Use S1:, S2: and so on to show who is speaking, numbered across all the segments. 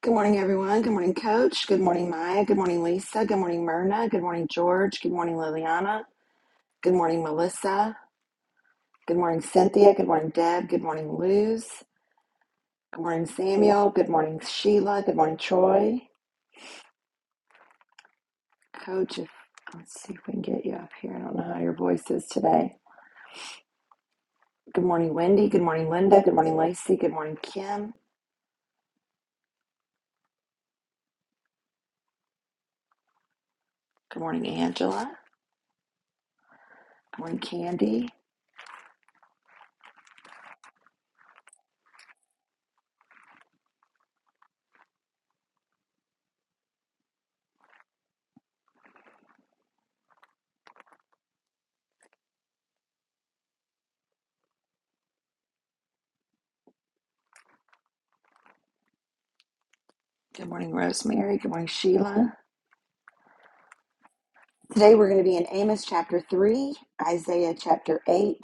S1: Good morning, everyone. Good morning, Coach. Good morning, Maya. Good morning, Lisa. Good morning, Myrna. Good morning, George. Good morning, Liliana. Good morning, Melissa. Good morning, Cynthia. Good morning, Deb. Good morning, Luz. Good morning, Samuel. Good morning, Sheila. Good morning, Troy. Coach, if, let's see if we can get you up here. I don't know how your voice is today. Good morning, Wendy. Good morning, Linda. Good morning, Lacey. Good morning, Kim. Good morning, Angela. Good morning, Candy. Good morning, Rosemary. Good morning, Sheila. Today we're going to be in Amos chapter 3, Isaiah chapter 8,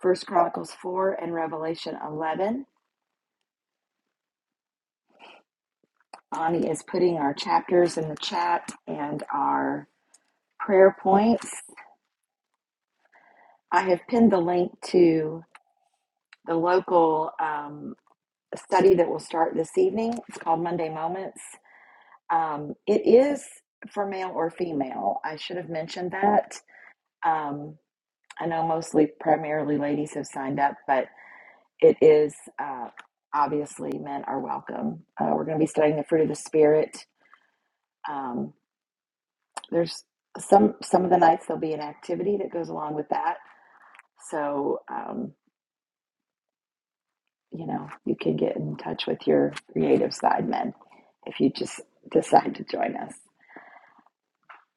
S1: First Chronicles 4, and Revelation 11. Ani is putting our chapters in the chat and our prayer points. I have pinned the link to the local um, study that will start this evening. It's called Monday Moments. Um, it is for male or female. I should have mentioned that. Um, I know mostly primarily ladies have signed up, but It is uh, obviously men are welcome. Uh, we're going to be studying the fruit of the spirit. Um, there's some some of the nights there'll be an activity that goes along with that. So um, you know you can get in touch with your creative side men if you just decide to join us.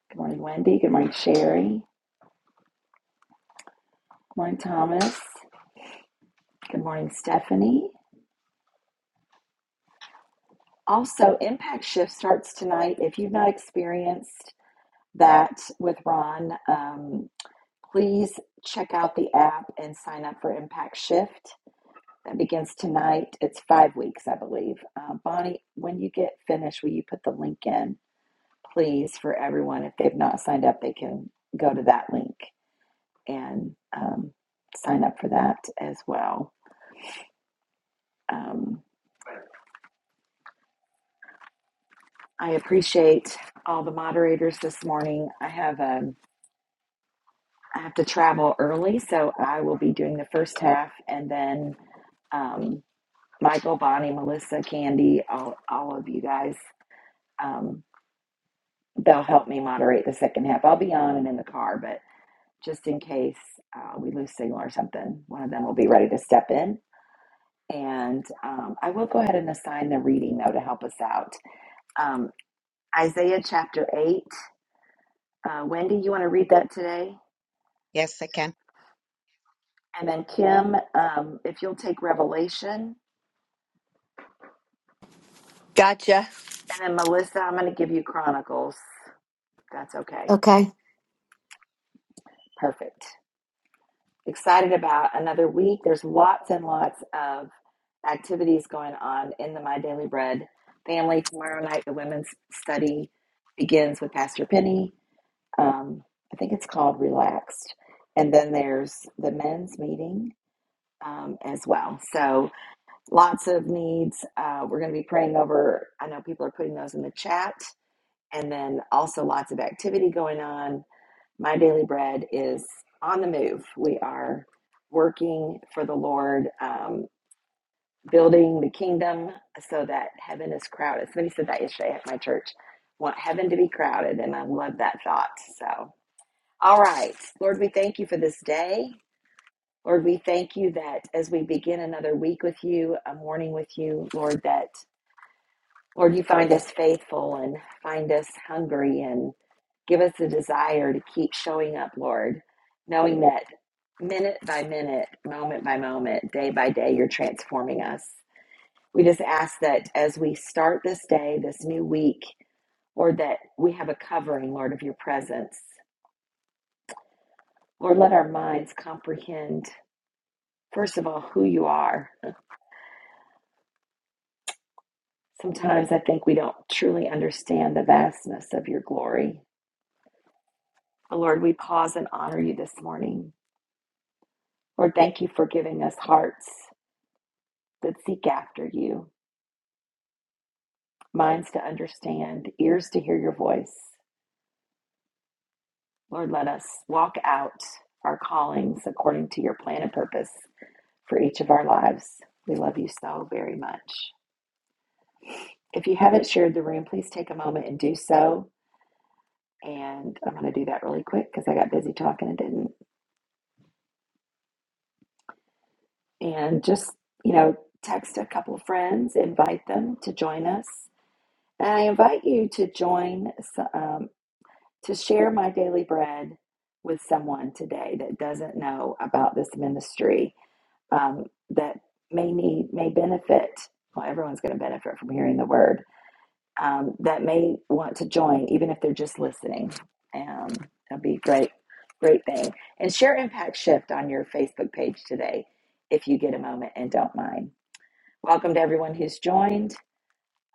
S1: Good morning, Wendy. Good morning, Sherry. Good morning, Thomas. Good morning, Stephanie. Also, Impact Shift starts tonight. If you've not experienced that with Ron. Um, Please check out the app and sign up for Impact Shift. That begins tonight. It's five weeks, I believe. Uh, Bonnie, when you get finished, will you put the link in, please, for everyone? If they've not signed up, they can go to that link and um, sign up for that as well. Um, I appreciate all the moderators this morning. I have um, I have to travel early, so I will be doing the first half, and then um, Michael, Bonnie, Melissa, Candy, all, all of you guys. Um, they'll help me moderate the second half. I'll be on and in the car, but just in case uh, we lose signal or something, one of them will be ready to step in. And um, I will go ahead and assign the reading, though, to help us out. Um, Isaiah chapter 8. Uh, Wendy, you want to read that today?
S2: Yes, I can.
S1: And then Kim, um, if you'll take Revelation.
S3: Gotcha.
S1: And then Melissa, I'm going to give you Chronicles. That's okay.
S4: Okay.
S1: Perfect. excited about another week. There's lots and lots of activities going on in the My Daily Bread family. Tomorrow night, the women's study begins with Pastor Penny. Um, I think it's called Relaxed. And then there's the men's meeting um, as well. So lots of needs. Uh, we're going to be praying over, I know people are putting those in the chat. And then also lots of activity going on my Daily Bread is on the move. We are working for the Lord, um, building the kingdom so that heaven is crowded. Somebody said that yesterday at my church. Want heaven to be crowded, and I love that thought. So, all right, Lord, we thank you for this day. Lord, we thank you that as we begin another week with you, a morning with you, Lord, that Lord, you find us faithful and find us hungry and give us the desire to keep showing up, Lord, knowing that minute by minute, moment by moment, day by day, you're transforming us. We just ask that as we start this day, this new week, Lord, that we have a covering, Lord, of your presence. Lord, let our minds comprehend, first of all, who you are. Sometimes I think we don't truly understand the vastness of your glory. But Lord, we pause and honor you this morning. Lord, thank you for giving us hearts that seek after you, minds to understand, ears to hear your voice. Lord, let us walk out our callings according to your plan and purpose for each of our lives. We love you so very much. If you haven't shared the room, please take a moment and do so. And I'm going to do that really quick because I got busy talking and didn't. And just, you know, text a couple of friends, invite them to join us. And I invite you to join. um, to share my daily bread with someone today that doesn't know about this ministry um, that may need may benefit well everyone's going to benefit from hearing the word um, that may want to join even if they're just listening um, that'd be a great great thing and share impact shift on your facebook page today if you get a moment and don't mind welcome to everyone who's joined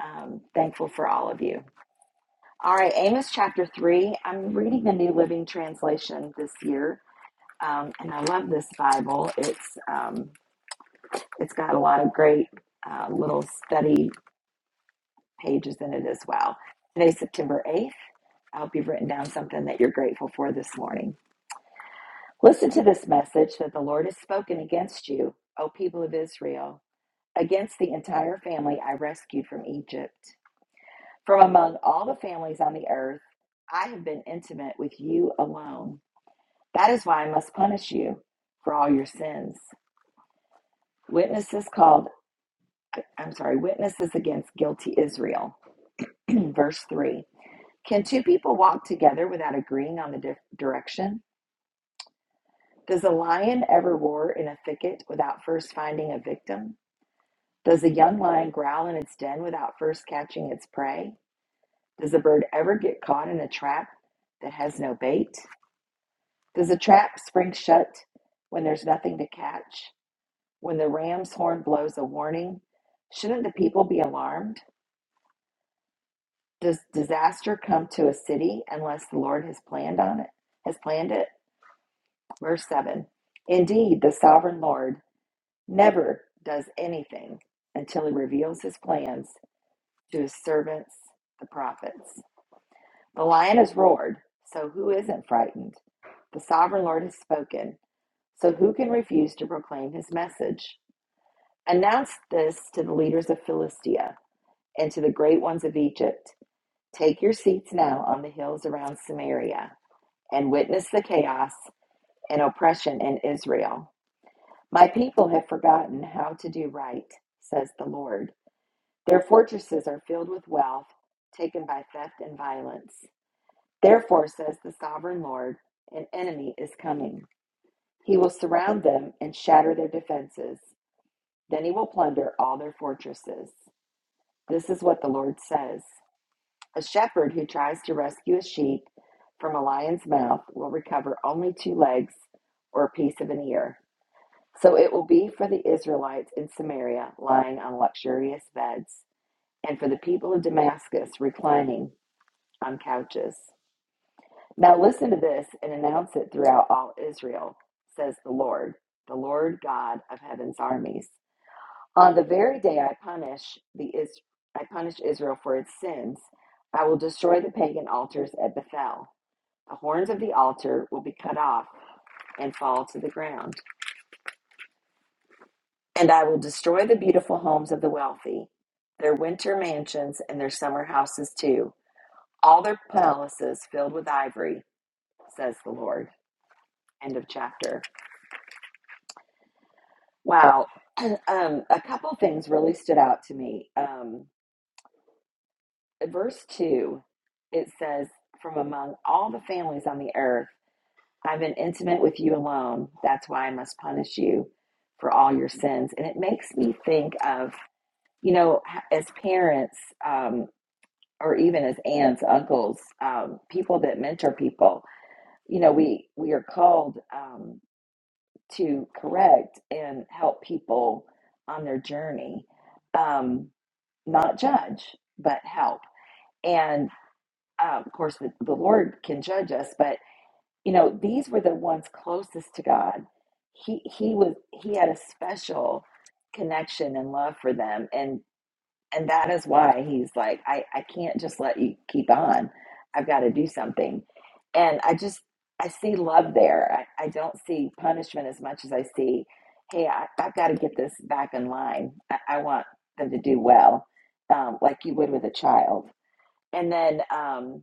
S1: um, thankful for all of you all right, Amos chapter 3. I'm reading the New Living Translation this year, um, and I love this Bible. It's um, It's got a lot of great uh, little study pages in it as well. Today's September 8th. I hope you've written down something that you're grateful for this morning. Listen to this message that the Lord has spoken against you, O people of Israel, against the entire family I rescued from Egypt. From among all the families on the earth, I have been intimate with you alone. That is why I must punish you for all your sins. Witnesses called, I'm sorry, witnesses against guilty Israel. Verse 3 Can two people walk together without agreeing on the di- direction? Does a lion ever roar in a thicket without first finding a victim? Does a young lion growl in its den without first catching its prey? Does a bird ever get caught in a trap that has no bait? Does a trap spring shut when there's nothing to catch? When the ram's horn blows a warning, shouldn't the people be alarmed? Does disaster come to a city unless the Lord has planned on it? Has planned it? Verse 7. Indeed, the sovereign Lord never does anything until he reveals his plans to his servants, the prophets. The lion has roared, so who isn't frightened? The sovereign Lord has spoken, so who can refuse to proclaim his message? Announce this to the leaders of Philistia. and to the great ones of Egypt. Take your seats now on the hills around Samaria and witness the chaos and oppression in Israel. My people have forgotten how to do right, says the Lord. Their fortresses are filled with wealth taken by theft and violence. Therefore, says the sovereign Lord, an enemy is coming. He will surround them and shatter their defenses. Then he will plunder all their fortresses. This is what the Lord says. A shepherd who tries to rescue a sheep from a lion's mouth will recover only two legs or a piece of an ear. So it will be for the Israelites in Samaria lying on luxurious beds, and for the people of Damascus reclining on couches. Now listen to this and announce it throughout all Israel, says the Lord, the Lord God of heaven's armies. On the very day I punish the Is- I punish Israel for its sins, I will destroy the pagan altars at Bethel. The horns of the altar will be cut off and fall to the ground. And I will destroy the beautiful homes of the wealthy, their winter mansions and their summer houses too, all their palaces filled with ivory, says the Lord. End of chapter. Wow. Um, a couple things really stood out to me. Um, verse 2, it says, From among all the families on the earth, I've been intimate with you alone. That's why I must punish you for all your sins. And it makes me think of, you know, as parents um, or even as aunts, uncles, um, people that mentor people, you know, we, we are called um, to correct and help people on their journey, um, not judge, but help. and. uh, of course, the, the Lord can judge us, but you know, these were the ones closest to God. He he was he had a special connection and love for them, and and that is why he's like, I I can't just let you keep on. I've got to do something, and I just I see love there. I, I don't see punishment as much as I see, hey, I, I've got to get this back in line. I, I want them to do well, um, like you would with a child, and then. Um,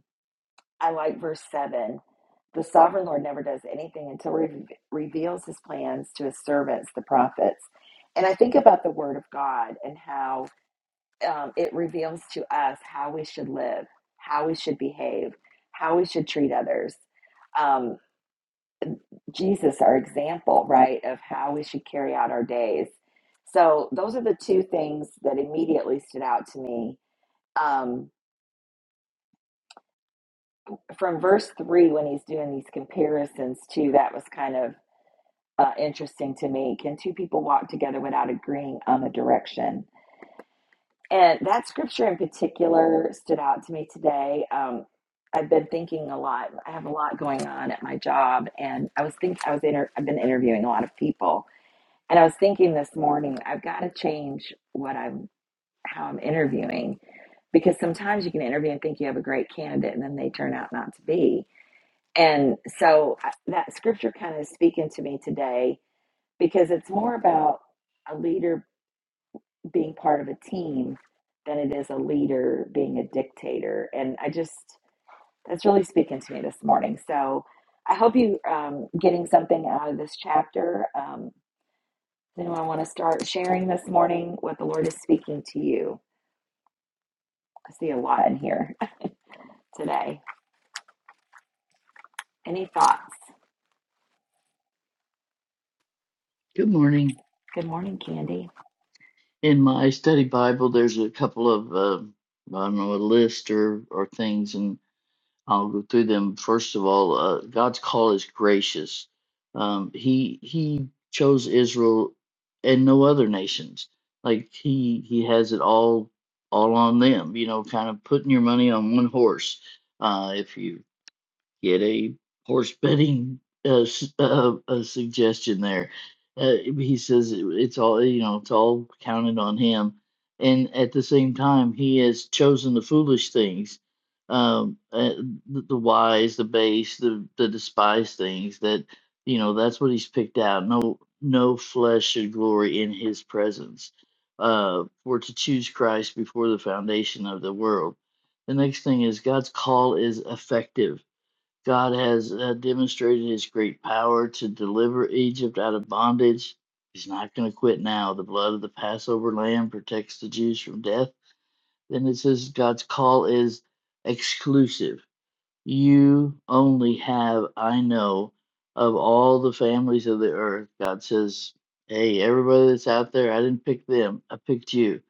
S1: I like verse 7. The sovereign Lord never does anything until he re- reveals his plans to his servants, the prophets. And I think about the word of God and how um, it reveals to us how we should live, how we should behave, how we should treat others. Um, Jesus, our example, right, of how we should carry out our days. So those are the two things that immediately stood out to me. Um, from verse 3, when he's doing these comparisons, too, that was kind of uh, interesting to me. Can two people walk together without agreeing on the direction? And that scripture in particular stood out to me today. Um, I've been thinking a lot. I have a lot going on at my job, and I was think I was inter- I've been interviewing a lot of people, and I was thinking this morning I've got to change what I'm how I'm interviewing because sometimes you can interview and think you have a great candidate, and then they turn out not to be. And so I, that scripture kind of is speaking to me today because it's more about a leader being part of a team than it is a leader being a dictator. And I just, that's really speaking to me this morning. So I hope you um, getting something out of this chapter. Um, does anyone want to start sharing this morning what the Lord is speaking to you? I see a lot in here today. Any thoughts?
S5: Good morning.
S1: Good morning, Candy.
S5: In my study Bible, there's a couple of uh, I don't know a list or or things, and I'll go through them. First of all, uh, God's call is gracious. Um, he He chose Israel and no other nations. Like he he has it all all on them. You know, kind of putting your money on one horse. Uh, if you get a horse betting uh, s- uh, uh, a suggestion there. Uh, he says it- it's all you know, it's all counted on him, and at the same time, he has chosen the foolish things, um, uh, the, the wise, the base, the the despised things. That you know, that's what he's picked out. No, no flesh should glory in his presence. Uh, for to choose Christ before the foundation of the world. The next thing is God's call is effective God has uh, demonstrated his great power to deliver Egypt out of bondage. He's not going to quit now. The blood of the Passover lamb protects the Jews from death. Then it says God's call is exclusive. You only have, I know, of all the families of the earth. God says, Hey, everybody that's out there, I didn't pick them, I picked you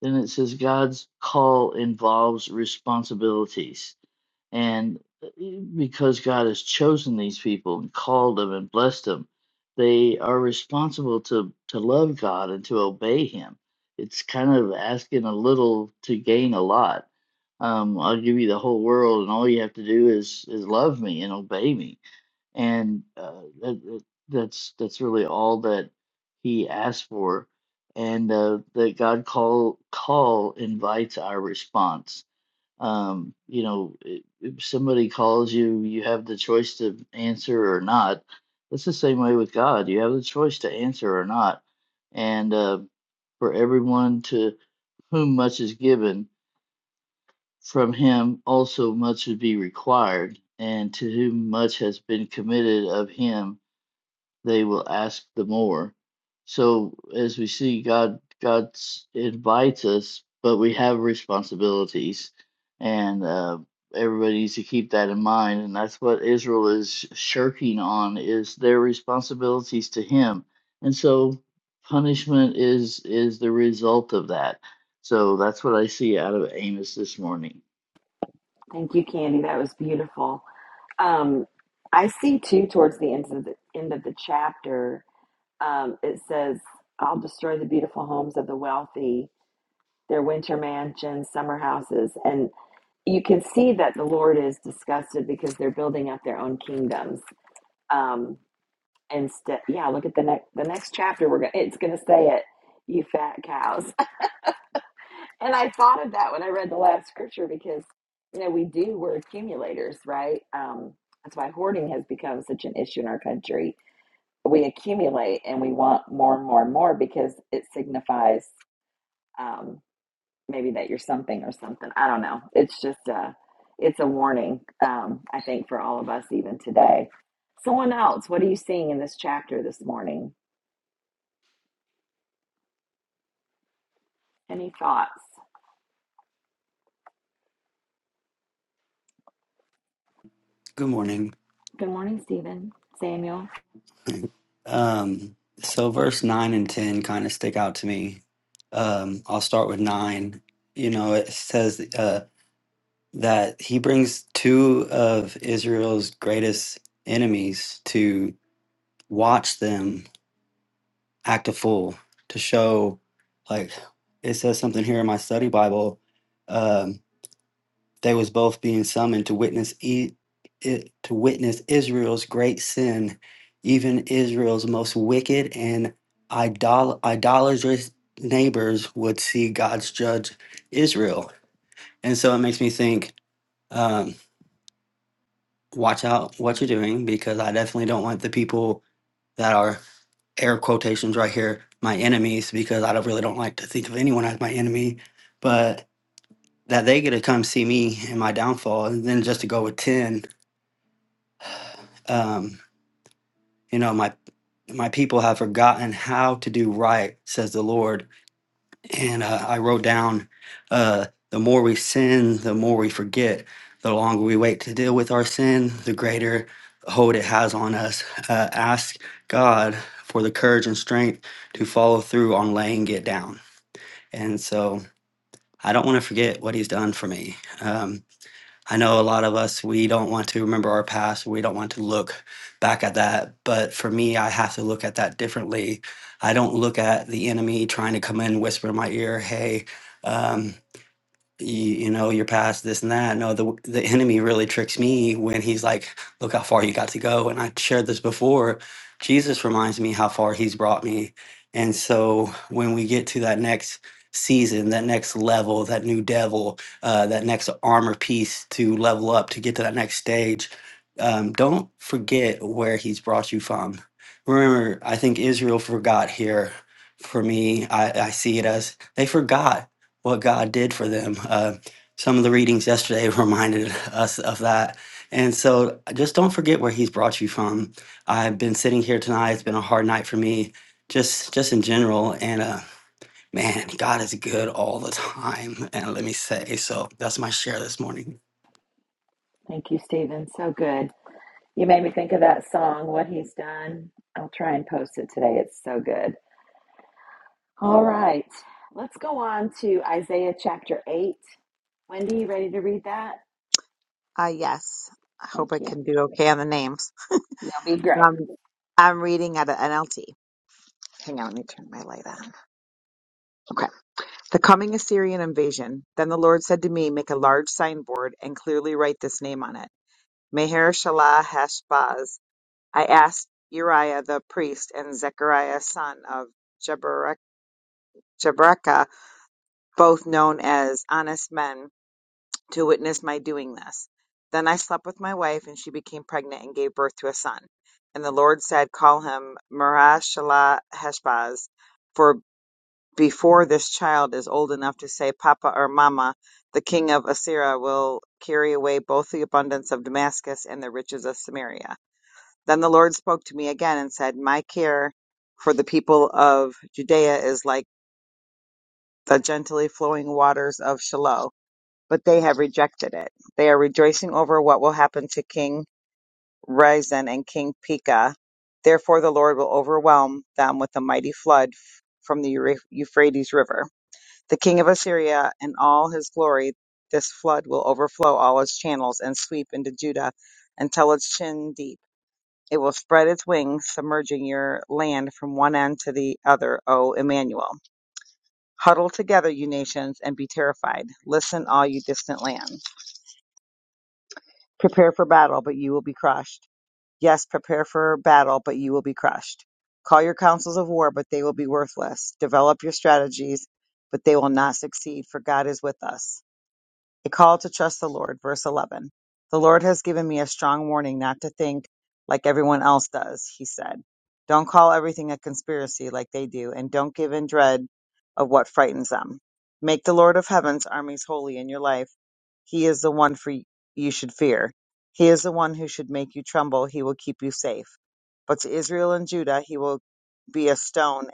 S5: then it says God's call involves responsibilities. And uh, e, because God has chosen these people and called them and blessed them, they are responsible to, to love God and to obey Him. It's kind of asking a little to gain a lot. Um, I'll give you the whole world, and all you have to do is is love me and obey me and uh, that, that- that's that's really all that he asked for, and uh, that God call call invites our response. Um, you know, i- if somebody calls you, you have the choice to answer or not. That's the same way with God. You have the choice to answer or not, and uh, for everyone to whom much is given, from him also much would be required, and to whom much has been committed of him they will ask the more. So as we see, God God invites us, but we have responsibilities, and uh, everybody needs to keep that in mind. And that's what Israel is shirking on is their responsibilities to Him, and so punishment is is the result of that. So that's what I see out of Amos this morning.
S1: Thank you, Candy. That was beautiful. Um, I see too towards the end of the end of the chapter um, it says, I'll destroy the beautiful homes of the wealthy, their winter mansions, summer houses. And you can see that the Lord is disgusted because they're building up their own kingdoms. Um, instead, yeah, look at the next the next chapter. We're going it's gonna say it, you fat cows. and I thought of that when I read the last scripture because you know we do we're accumulators, right? Um, that's why hoarding has become such an issue in our country we accumulate and we want more and more and more because it signifies um, maybe that you're something or something. I don't know. It's just a, it's a warning, um, I think, for all of us even today. Someone else, what are you seeing in this chapter this morning? Any thoughts?
S6: Good morning.
S1: Good morning, Stephen. Samuel.
S6: Um, so verse 9 and 10 kind of stick out to me. Um, I'll start with 9. You know, it says uh, that he brings two of Israel's greatest enemies to watch them act a fool, to show, like, it says something here in my study Bible. Um, They was both being summoned to witness e- it, to witness Israel's great sin, even Israel's most wicked and idol- idolatrous neighbors would see God's judge Israel. And so it makes me think, um, watch out what you're doing because I definitely don't want the people that are air quotations right here my enemies because I don't really don't like to think of anyone as my enemy, but that they get to come see me in my downfall and then just to go with 10 um, you know my my people have forgotten how to do right says the lord and uh, i wrote down uh, the more we sin the more we forget the longer we wait to deal with our sin the greater hold it has on us uh, ask god for the courage and strength to follow through on laying it down and so i don't want to forget what he's done for me Um, I know a lot of us, we don't want to remember our past. We don't want to look back at that. But for me, I have to look at that differently. I don't look at the enemy trying to come in, and whisper in my ear, hey, um, you, you know your past this and that no the the enemy really tricks me when he's like look how far you got to go and i shared this before jesus reminds me how far he's brought me and so when we get to that next season that next level that new devil uh, that next armor piece to level up to get to that next stage um, don't forget where he's brought you from remember i think israel forgot here for me i, I see it as they forgot what God did for them. Uh, some of the readings yesterday reminded us of that. And so just don't forget where he's brought you from. I've been sitting here tonight. It's been a hard night for me, just just in general. And uh, man, God is good all the time. And let me say, so that's my share this morning.
S1: Thank you, Stephen. So good. You made me think of that song, What He's Done. I'll try and post it today. It's so good. All right. Let's go on to Isaiah chapter 8. Wendy, you ready to read that?
S2: Uh, yes. I hope I
S1: Thank you.
S2: can do okay on the names.
S1: You'll be great.
S2: Um, I'm reading out of NLT. Hang on, let me turn my light on. Okay. The coming Assyrian invasion. Then the Lord said to me, Make a large signboard and clearly write this name on it Meher Shalah Hashbaz. I asked Uriah the priest and Zechariah son of Jeberek- Jeberechiah, both known as honest men to witness my doing this. Then I slept with my wife, and she became pregnant and gave birth to a son. And the Lord said, Call him Marashalah Heshbaz, for before this child is old enough to say Papa or Mama, the king of Assyria will carry away both the abundance of Damascus and the riches of Samaria. Then the Lord spoke to me again and said, My care for the people of Judea is like the gently flowing waters of Shiloh but they have rejected it. They are rejoicing over what will happen to King Rezin and King Pekah. Therefore, the Lord will overwhelm them with a mighty flood f- from the Euphr- Euphrates River. The king of Assyria and all his glory, this flood will overflow all its channels and sweep into Judah until it's chin deep. It will spread its wings, submerging your land from one end to the other, O Emmanuel. Huddle together, you nations, and be terrified. Listen, all you distant lands. Prepare for battle, but you will be crushed. Yes, prepare for battle, but you will be crushed. Call your councils of war, but they will be worthless. Develop your strategies, but they will not succeed, for God is with us. A call to trust the Lord, verse 11. The Lord has given me a strong warning not to think like everyone else does, he said. Don't call everything a conspiracy like they do, and don't give in dread of what frightens them. Make the Lord of heaven's armies holy in your life he is the one for you should fear. He is the one who should make you tremble. He will keep you safe. But to Israel and Judah, he will be a stone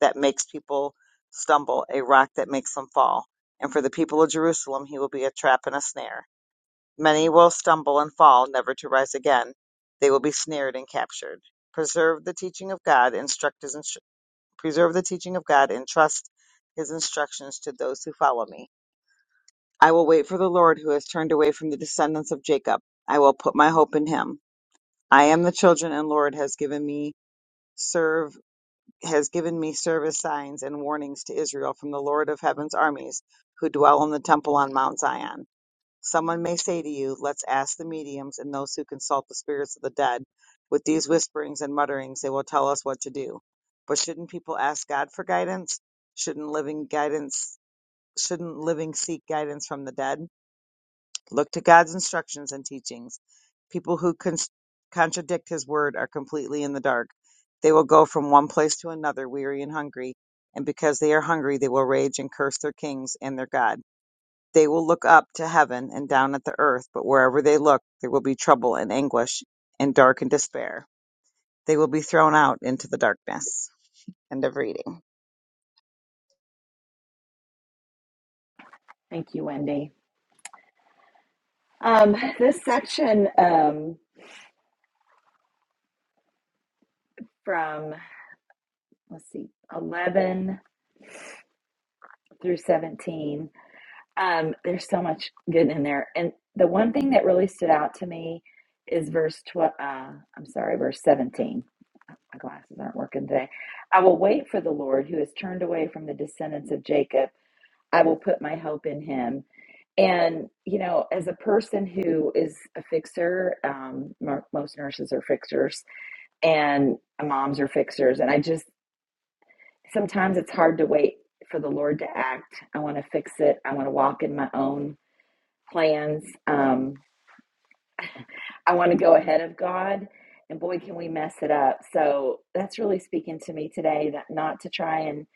S2: that makes people stumble, a rock that makes them fall. And for the people of Jerusalem, he will be a trap and a snare. Many will stumble and fall, never to rise again. They will be snared and captured. Preserve the teaching of God, instruct his instru- preserve the teaching of God, and trust his instructions to those who follow me. I will wait for the Lord who has turned away from the descendants of Jacob. I will put my hope in him. I am the children and Lord has given me serve has given me service signs and warnings to Israel from the Lord of heaven's armies who dwell in the temple on Mount Zion. Someone may say to you, let's ask the mediums and those who consult the spirits of the dead. With these whisperings and mutterings, they will tell us what to do. But shouldn't people ask God for guidance? Shouldn't living guidance, shouldn't living seek guidance from the dead? Look to God's instructions and teachings. People who con- contradict his word are completely in the dark. They will go from one place to another, weary and hungry, and because they are hungry, they will rage and curse their kings and their God. They will look up to heaven and down at the earth, but wherever they look, there will be trouble and anguish and dark and despair. They will be thrown out into the darkness. End of reading.
S1: Thank you, Wendy. Um, this section um, from, let's see, 11 through 17, um, there's so much good in there. And the one thing that really stood out to me is verse 12, uh, I'm sorry, verse 17. My glasses aren't working today. I will wait for the Lord who has turned away from the descendants of Jacob I will put my hope in him. And, you know, as a person who is a fixer, um, mo- most nurses are fixers and moms are fixers. And I just, sometimes it's hard to wait for the Lord to act. I want to fix it. I want to walk in my own plans. Um, I want to go ahead of God, and boy, can we mess it up. So that's really speaking to me today that not to try and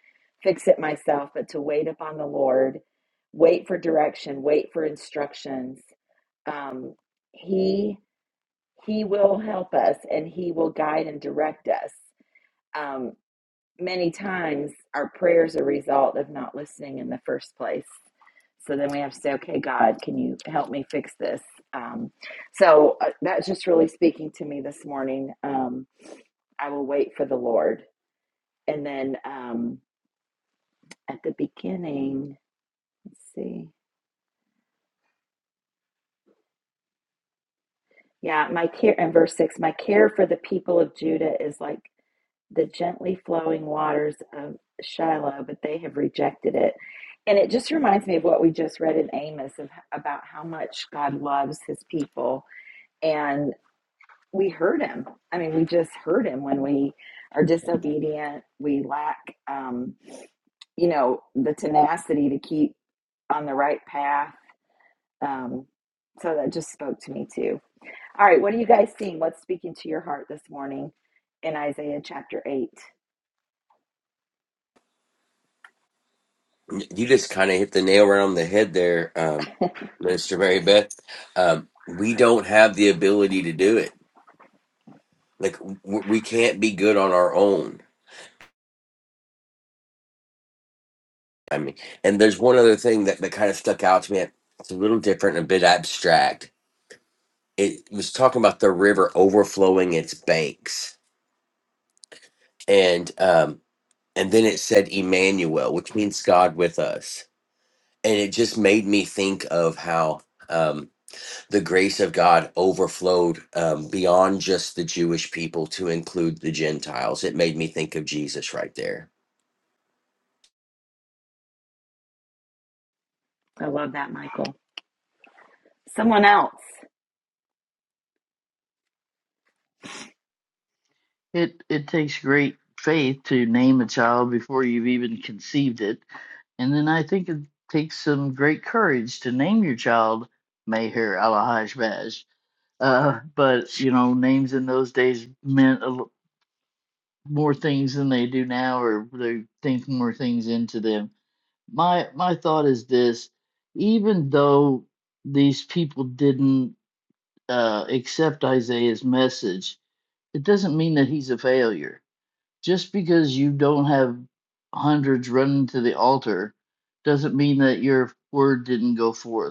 S1: fix it myself, but to wait upon the Lord, wait for direction, wait for instructions. Um, he He will help us, and He will guide and direct us. Um, many times our prayers are a result of not listening in the first place. So then we have to say, okay, God, can you help me fix this? Um, so uh, that's just really speaking to me this morning. Um, I will wait for the Lord. And then um, at the beginning, let's see. Yeah, my care in verse six, my care for the people of Judah is like the gently flowing waters of Shiloh, but they have rejected it. And it just reminds me of what we just read in Amos of, about how much God loves his people. And we hurt him. I mean, we just hurt him when we are disobedient. We lack, um, you know, the tenacity to keep on the right path. Um, so that just spoke to me too. All right, what are you guys seeing? What's speaking to your heart this morning in Isaiah chapter 8?
S7: You just kind of hit the nail right on the head there, um, Minister Mary Beth. Um, we don't have the ability to do it. Like w- w- we can't be good on our own. I mean, and there's one other thing that, that kind of stuck out to me. It's a little different, and a bit abstract. It was talking about the river overflowing its banks, and um, and then it said Emmanuel, which means God with us. And it just made me think of how. um, the grace of God overflowed um, beyond just the Jewish people to include the Gentiles. It made me think of Jesus right there.
S1: I love that, Michael. someone else.
S5: It it takes great faith to name a child before you've even conceived it. And then I think it takes some great courage to name your child Meher Alahajbaz. Uh, but you know, names in those days meant a lo- more things than they do now, or they think more things into them. My my thought is this: even though these people didn't uh, accept Isaiah's message, it doesn't mean that he's a failure just because you don't have hundreds running to the altar doesn't mean that your word didn't go forth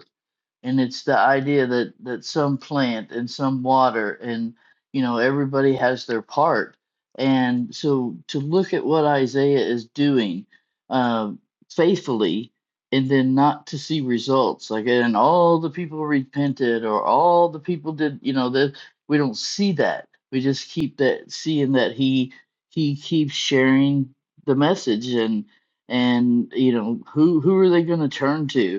S5: and it's the idea that that some plant and some water and you know everybody has their part and so to look at what isaiah is doing uh, faithfully and then not to see results like and all the people repented or all the people did you know that we don't see that we just keep that seeing that he he keeps sharing the message and and you know who who are they going to turn to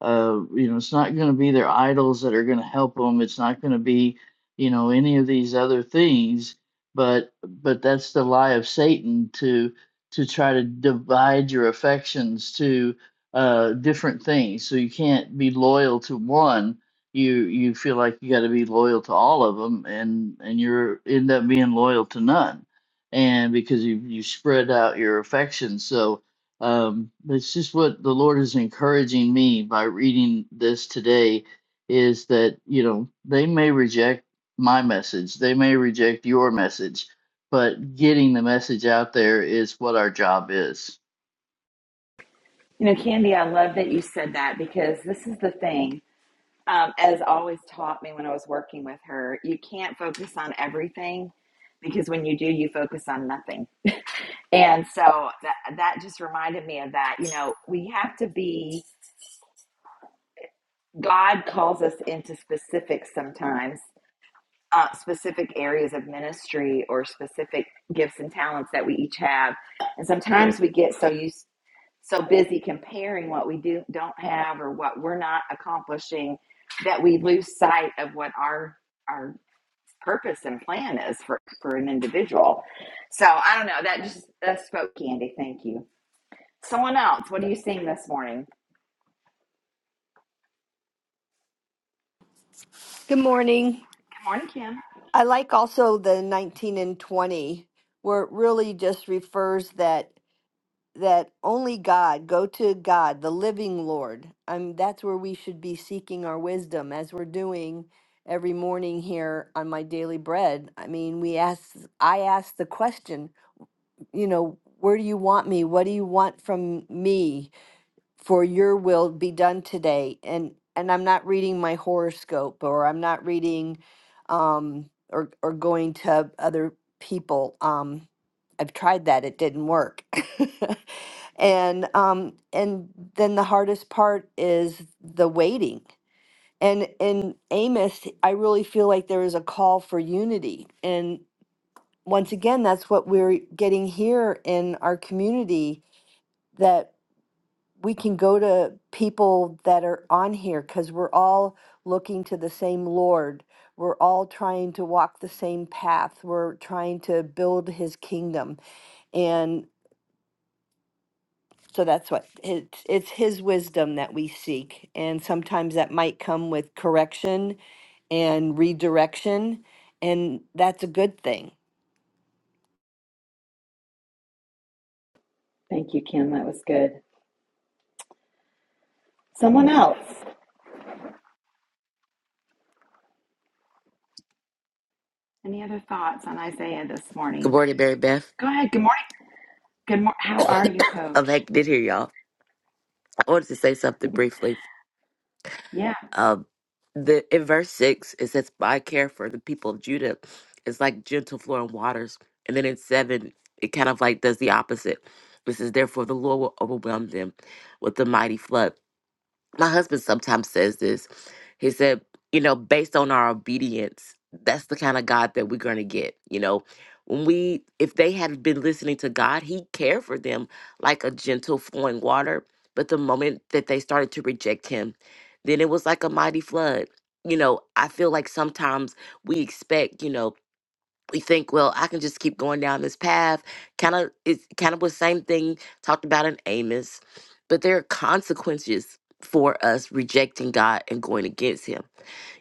S5: uh, you know, it's not going to be their idols that are going to help them. It's not going to be, you know, any of these other things. But but that's the lie of Satan to to try to divide your affections to uh, different things. So you can't be loyal to one. You you feel like you got to be loyal to all of them, and and you're end up being loyal to none and because you you spread out your affections, So um, that's just what the Lord is encouraging me by reading this today is that, you know, they may reject my message, they may reject your message, but getting the message out there is what our job is.
S1: You know, Candy, I love that you said that because this is the thing, um, as always taught me when I was working with her, you can't focus on everything because when you do, you focus on nothing. And so that, that just reminded me of that. You know, we have to be, God calls us into specifics sometimes, uh, specific areas of ministry or specific gifts and talents that we each have. And sometimes we get so used so busy comparing what we do don't have or what we're not accomplishing that we lose sight of what our our purpose and plan is for for an individual. So I don't know. That just that spoke candy. Thank you. Someone else. What are you seeing this morning?
S3: Good morning.
S1: Good morning, Kim.
S3: I like also the 19 and 20 where it really just refers that that only God, go to God, the living Lord. Um that's where we should be seeking our wisdom as we're doing every morning here on my daily bread. I mean, we ask I ask the question, you know, where do you want me? What do you want from me? for your will be done today and and i'm not reading my horoscope or i'm not reading um or or going to other people um i've tried that it didn't work and um and then the hardest part is the waiting and in amos i really feel like there is a call for unity and once again that's what we're getting here in our community That we can go to people that are on here because we're all looking to the same Lord. We're all trying to walk the same path. We're trying to build his kingdom. And so that's what it's, it's his wisdom that we seek. And sometimes that might come with correction and redirection. And that's a good thing.
S1: Thank you, Kim. That was good. Someone else. Any other thoughts on Isaiah this
S8: Good
S1: morning?
S8: morning, Mary Beth.
S1: Go ahead. Good morning. Good morning. How are you,
S8: I'm Um, I
S1: Coach?
S8: did here, y'all. I wanted to say something briefly.
S1: Yeah.
S8: Um, the in verse six it says, "My care for the people of Judah is like gentle flowing waters," and then in seven it kind of like does the opposite. This is therefore the Lord will overwhelm them with the mighty flood. my husband sometimes says this. He said, you know, based on our obedience, that's the kind of God that we're going to get. You know, when we, if they had been listening to God, He cared for them like a gentle flowing water. But the moment that they started to reject Him, then it was like a mighty flood. You know, I feel like sometimes we expect, you know, we think, well, I can just keep going down this path. Kind of, it's kind of the same thing talked about in Amos, but there are consequences for us rejecting God and going against Him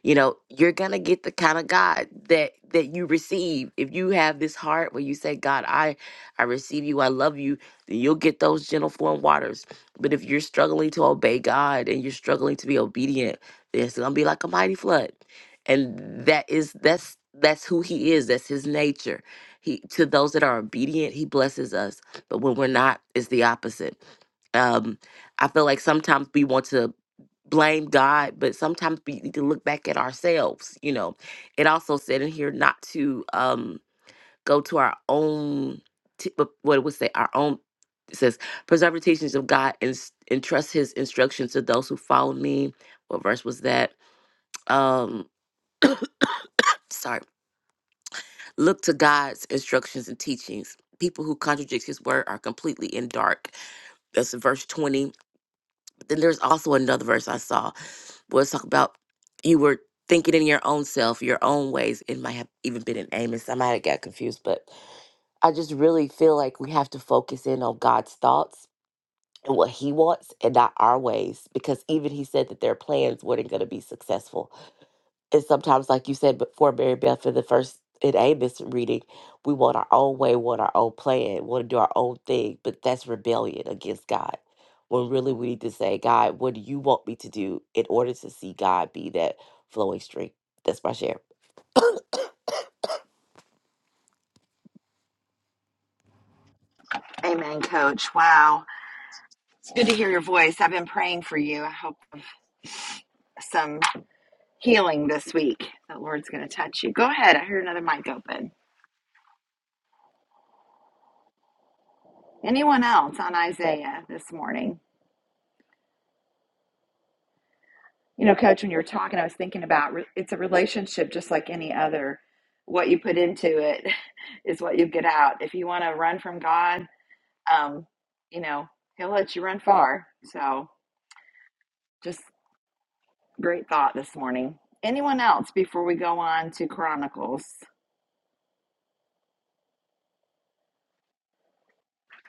S8: you know you're gonna get the kind of god that that you receive if you have this heart where you say god i i receive you i love you then you'll get those gentle flowing waters but if you're struggling to obey god and you're struggling to be obedient then it's gonna be like a mighty flood and that is that's that's who he is that's his nature he to those that are obedient he blesses us but when we're not it's the opposite um i feel like sometimes we want to blame God, but sometimes we need to look back at ourselves. You know, it also said in here not to um go to our own t- but what it would say our own. It says preserve the teachings of God and s- entrust His instructions to those who follow me. What verse was that? Um, sorry. Look to God's instructions and teachings. People who contradict His word are completely in dark. That's verse twenty Then there's also another verse I saw where it's talk about you were thinking in your own self, your own ways. It might have even been in Amos. I might have got confused, but I just really feel like we have to focus in on God's thoughts and what He wants and not our ways because even He said that their plans weren't going to be successful and sometimes, like you said before, Mary Beth, for the first in Amos reading, we want our own way, want our own plan, want to do our own thing, but that's rebellion against God. When really we need to say, God, what do you want me to do in order to see God be that flowing stream? That's my share.
S1: Amen, Coach. Wow. It's good to hear your voice. I've been praying for you. I hope some healing this week. The Lord's going to touch you. Go ahead. I heard another mic open. Anyone else on Isaiah this morning? You know, Coach, when you were talking, I was thinking about re- it's a relationship just like any other. What you put into it is what you get out. If you want to run from God, um, you know, He'll let you run far. So, just great thought this morning. Anyone else before we go on to Chronicles?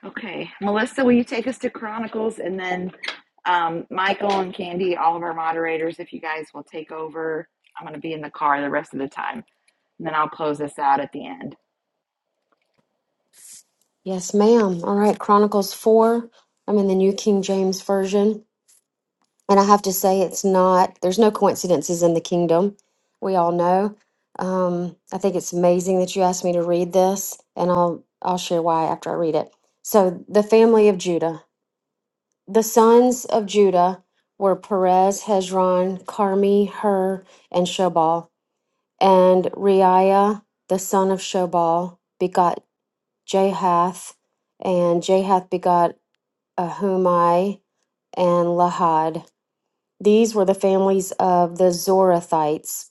S1: Okay. Melissa, will you take us to Chronicles and then um, Michael and Candy, all of our moderators, if you guys will take over. I'm going to be in the car the rest of the time. And then I'll close this out at the end.
S4: Yes, ma'am. All right. Chronicles 4. I'm in the New King James Version. And I have to say, it's not, there's no coincidences in the kingdom. We all know. Um, I think it's amazing that you asked me to read this, and I'll, I'll share why after I read it. So, the family of Judah. The sons of Judah were Perez, Hezron, Carmi, Hur, and Shobal. And Reiah, the son of Shobal, begot Jahath, and Jahath begot Ahumai and Lahad. These were the families of the Zorathites.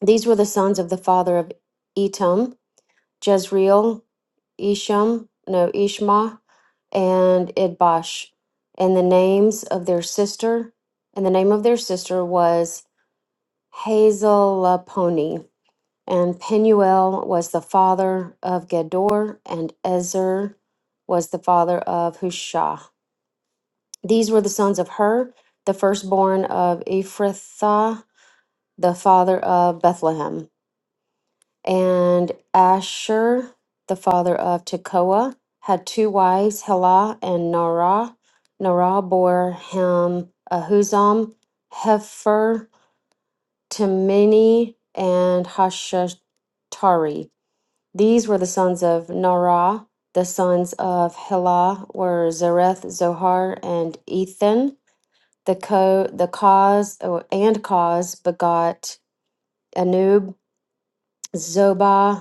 S4: These were the sons of the father of Etam, Jezreel, Isham, no, Ishma, and Idbash. And the names of their sister, and the name of their sister was Hazelaponi. And Penuel was the father of Gedor, and Ezer was the father of Hushah. These were the sons of Hur, the firstborn of Ephrathah, the father of Bethlehem. And Asher, the father of Tekoa, had two wives, Helah and Narah. Narah bore him Ahuzam, Hefer, Temini, and Hashatari. These were the sons of Norah. The sons of Helah were Zareth, Zohar, and Ethan. The co the cause oh, and cause begot Anub, Zobah,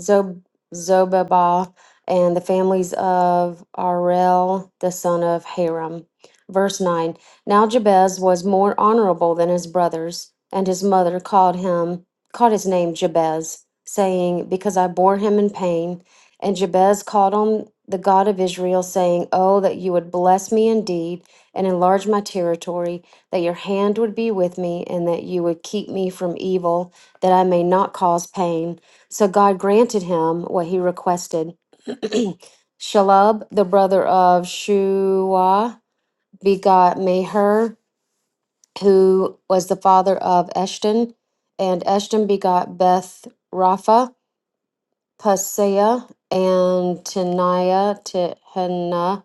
S4: Zob- Zobabah and the families of Arel, the son of Haram. Verse 9 Now Jabez was more honorable than his brothers, and his mother called him, called his name Jabez, saying, Because I bore him in pain. And Jabez called on the God of Israel, saying, Oh, that you would bless me indeed and enlarge my territory, that your hand would be with me, and that you would keep me from evil, that I may not cause pain. So God granted him what he requested. Shalab, the brother of Shuah, begot Meher, who was the father of Eshton, and Eshton begot Beth Rapha, Paseah, and Teniah, Tehana,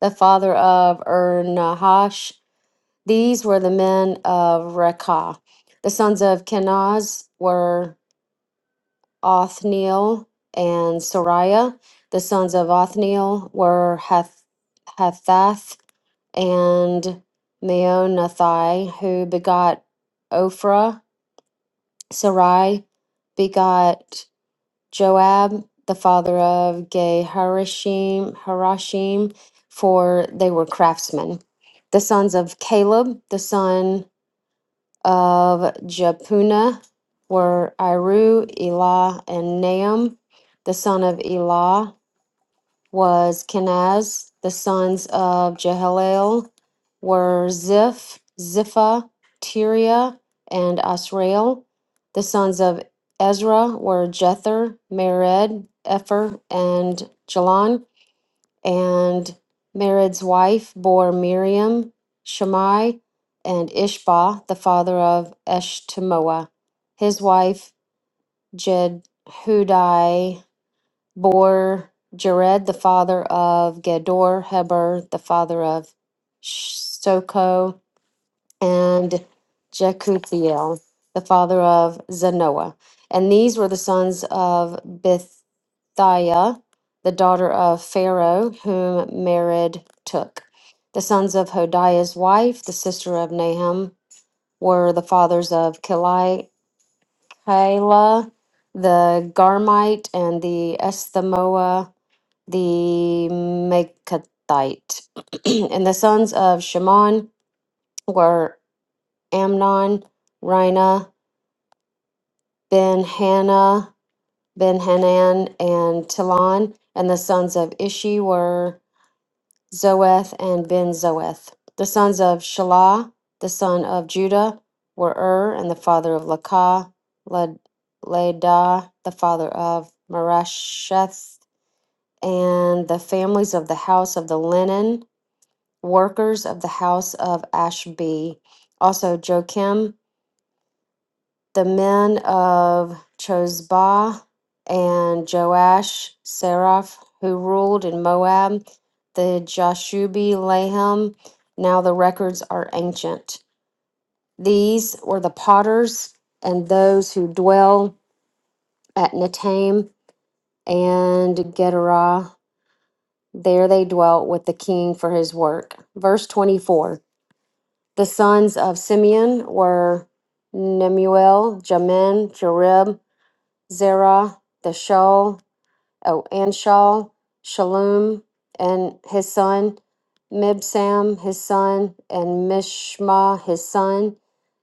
S4: the father of Ernahash. These were the men of Rekah. The sons of Kenaz were Othniel and Sariah. The sons of Othniel were Hath- Hathath and Meonathai, who begot Ophrah. Sarai begot Joab, the father of Geharashim, Harashim, for they were craftsmen. The sons of Caleb, the son of Jepunah were Iru, Elah, and Nahum. The son of Elah was Kenaz. The sons of Jehalel were Ziph, Zipha, Tiria, and Asrael. The sons of Ezra were Jether, Mered, Epher, and Jalon. And Mered's wife bore Miriam, Shammai, and Ishbah, the father of Eshtemoa. His wife, Jedhudai, bore Jared, the father of Gedor, Heber, the father of Soko, and Jekuthiel, the father of Zanoah. And these were the sons of Beth. Thaya, the daughter of Pharaoh, whom Mered took. The sons of Hodiah's wife, the sister of Nahum, were the fathers of Kali, Kila, the Garmite, and the Esthemoa, the Makathite. and the sons of Shimon were Amnon, Rina, Ben Hannah, Ben Hanan, and Tilon. And the sons of Ishi were Zoeth and Ben Zoeth. The sons of Shelah, the son of Judah, were Ur, and the father of Lakah, Lad- Ladah, the father of Marasheth, and the families of the house of the linen workers of the house of Ashbi. Also Joachim the men of Chozbah and Joash, Seraph, who ruled in Moab, the Jashubi, Laham. Now the records are ancient. These were the potters and those who dwell at Netaim and Gederah. There they dwelt with the king for his work. Verse 24. The sons of Simeon were Nemuel, Jamin, Jarib, Zerah, the Shaul, oh, and Shaul, Shalom, and his son, Mibsam, his son, and Mishma, his son.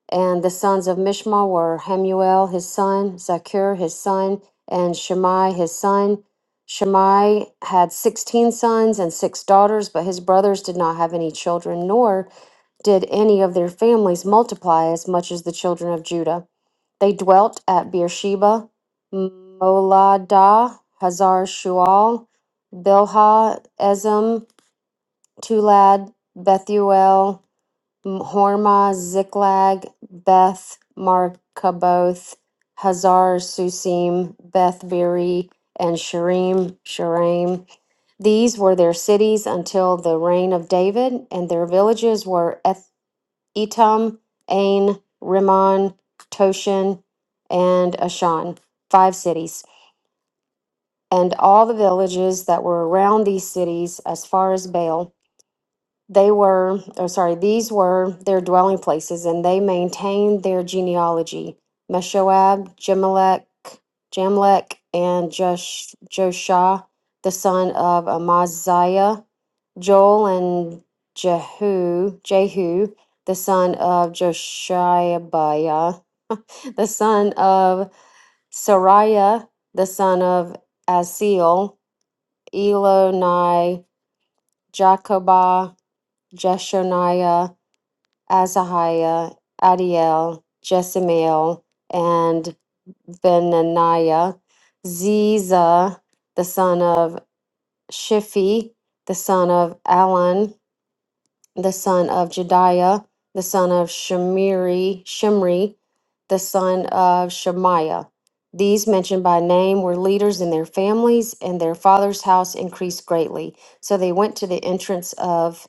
S4: And the sons of Mishma were Hamuel, his son, Zakur, his son, and Shemai, his son. Shemai had 16 sons and six daughters, but his brothers did not have any children, nor did any of their families multiply as much as the children of Judah. They dwelt at Beersheba, Moladah, Hazar Shual, Bilhah, Ezem, Tulad, Bethuel, M- Hormah, Ziklag, Beth, Markaboth, Hazar Susim, Beth Beri, and Sharim, Sharim. These were their cities until the reign of David, and their villages were Eth- Etam, Ain, Rimmon, Toshin, and Ashan, five cities, and all the villages that were around these cities as far as Baal. They were, oh, sorry, these were their dwelling places, and they maintained their genealogy. Meshoab, Jamelech, Jamlech, and Josh, Joshua, the son of Amaziah, Joel and Jehu, Jehu, the son of Joshabiah, the son of Sariah, the son of Asiel, Elonai, Jacobah, Jeshoniah, Azahiah, Adiel, Jessamiel, and Benaniah, Ziza, the son of Shiphi, the son of Alon, the son of Jediah, the son of Shemiri, Shimri, the son of Shemaiah. These mentioned by name were leaders in their families, and their father's house increased greatly. So they went to the entrance of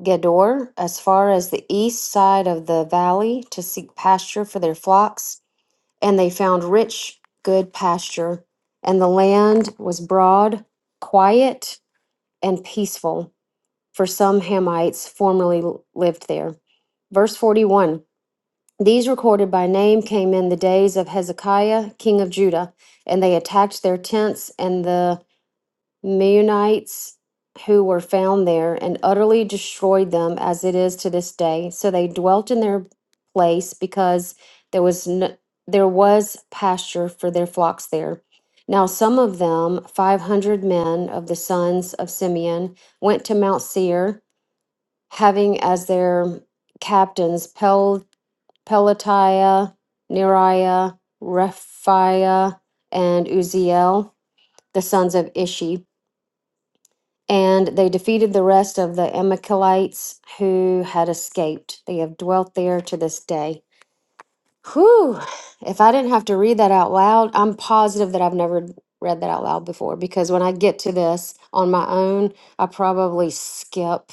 S4: Gedor, as far as the east side of the valley, to seek pasture for their flocks, and they found rich, good pasture. And the land was broad, quiet, and peaceful for some Hamites formerly lived there. Verse 41 These recorded by name came in the days of Hezekiah, king of Judah, and they attacked their tents and the Meunites who were found there and utterly destroyed them as it is to this day. So they dwelt in their place because there was no, there was pasture for their flocks there. Now some of them, 500 men of the sons of Simeon, went to Mount Seir having as their captains Pel- Pelatiah, Neriah, Rephaiah, and Uziel, the sons of Ishi. And they defeated the rest of the Amalekites who had escaped. They have dwelt there to this day. Whew! If I didn't have to read that out loud, I'm positive that I've never read that out loud before because when I get to this on my own, I probably skip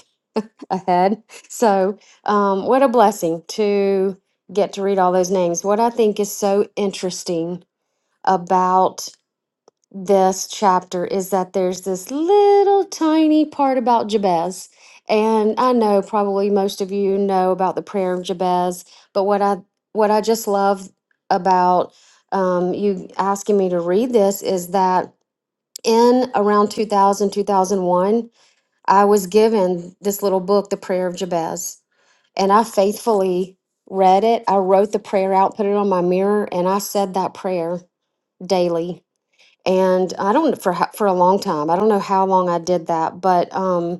S4: ahead. So, um, what a blessing to get to read all those names. What I think is so interesting about this chapter is that there's this little tiny part about Jabez. And I know probably most of you know about the prayer of Jabez, but what I what I just love about um, you asking me to read this is that in around 2000 2001, I was given this little book, The Prayer of Jabez and I faithfully read it. I wrote the prayer out, put it on my mirror, and I said that prayer daily. And I don't for ho- for a long time. I don't know how long I did that, but um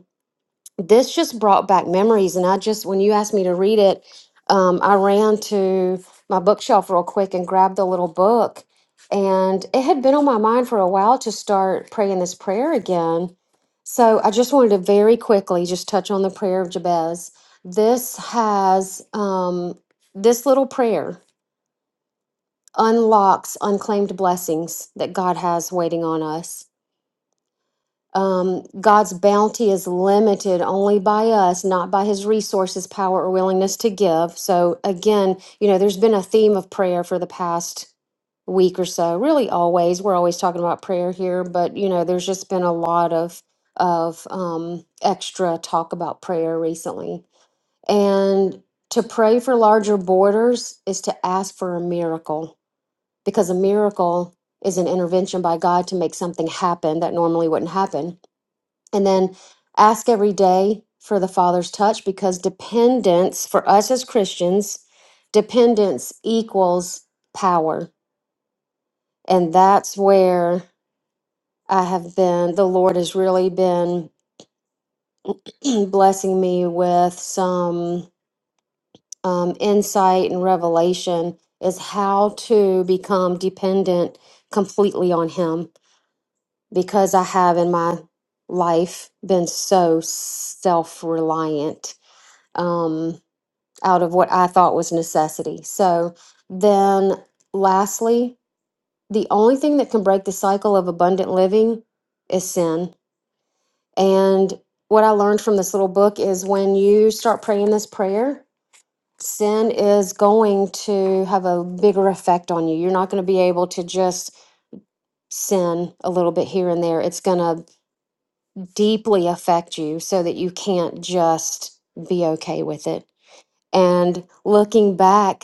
S4: this just brought back memories and i just when you asked me to read it um, i ran to my bookshelf real quick and grabbed the little book and it had been on my mind for a while to start praying this prayer again so i just wanted to very quickly just touch on the prayer of jabez this has um, this little prayer unlocks unclaimed blessings that god has waiting on us um, God's bounty is limited only by us, not by his resources, power, or willingness to give. So, again, you know, there's been a theme of prayer for the past week or so, really always. We're always talking about prayer here, but, you know, there's just been a lot of, of um, extra talk about prayer recently. And to pray for larger borders is to ask for a miracle because a miracle is an intervention by God to make something happen that normally wouldn't happen. And then ask every day for the Father's touch because dependence for us as Christians, dependence equals power. And that's where I have been, the Lord has really been blessing me with some um, insight and revelation is how to become dependent completely on Him because I have in my life been so self reliant out of what I thought was necessity. So then, lastly, the only thing that can break the cycle of abundant living is sin. And what I learned from this little book is when you start praying this prayer, sin is going to have a bigger effect on you. You're not going to be able to just sin a little bit here and there. It's going to deeply affect you so that you can't just be okay with it. And looking back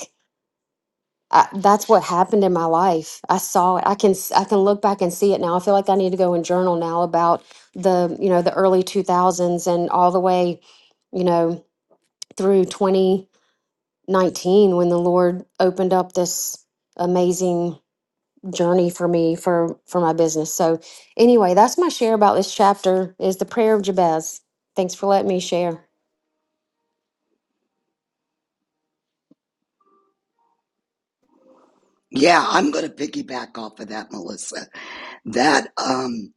S4: I, that's what happened in my life. I saw it. I can s- I can look back and see it now. I feel like I need to go and journal now about the you know the early two thousands and all the way, you know, through twenty nineteen when the Lord opened up this amazing journey for me for for my business. So anyway, that's my share about this chapter is the prayer of Jabez. Thanks for letting me share.
S9: Yeah, I'm going to piggyback off of that, Melissa. That um,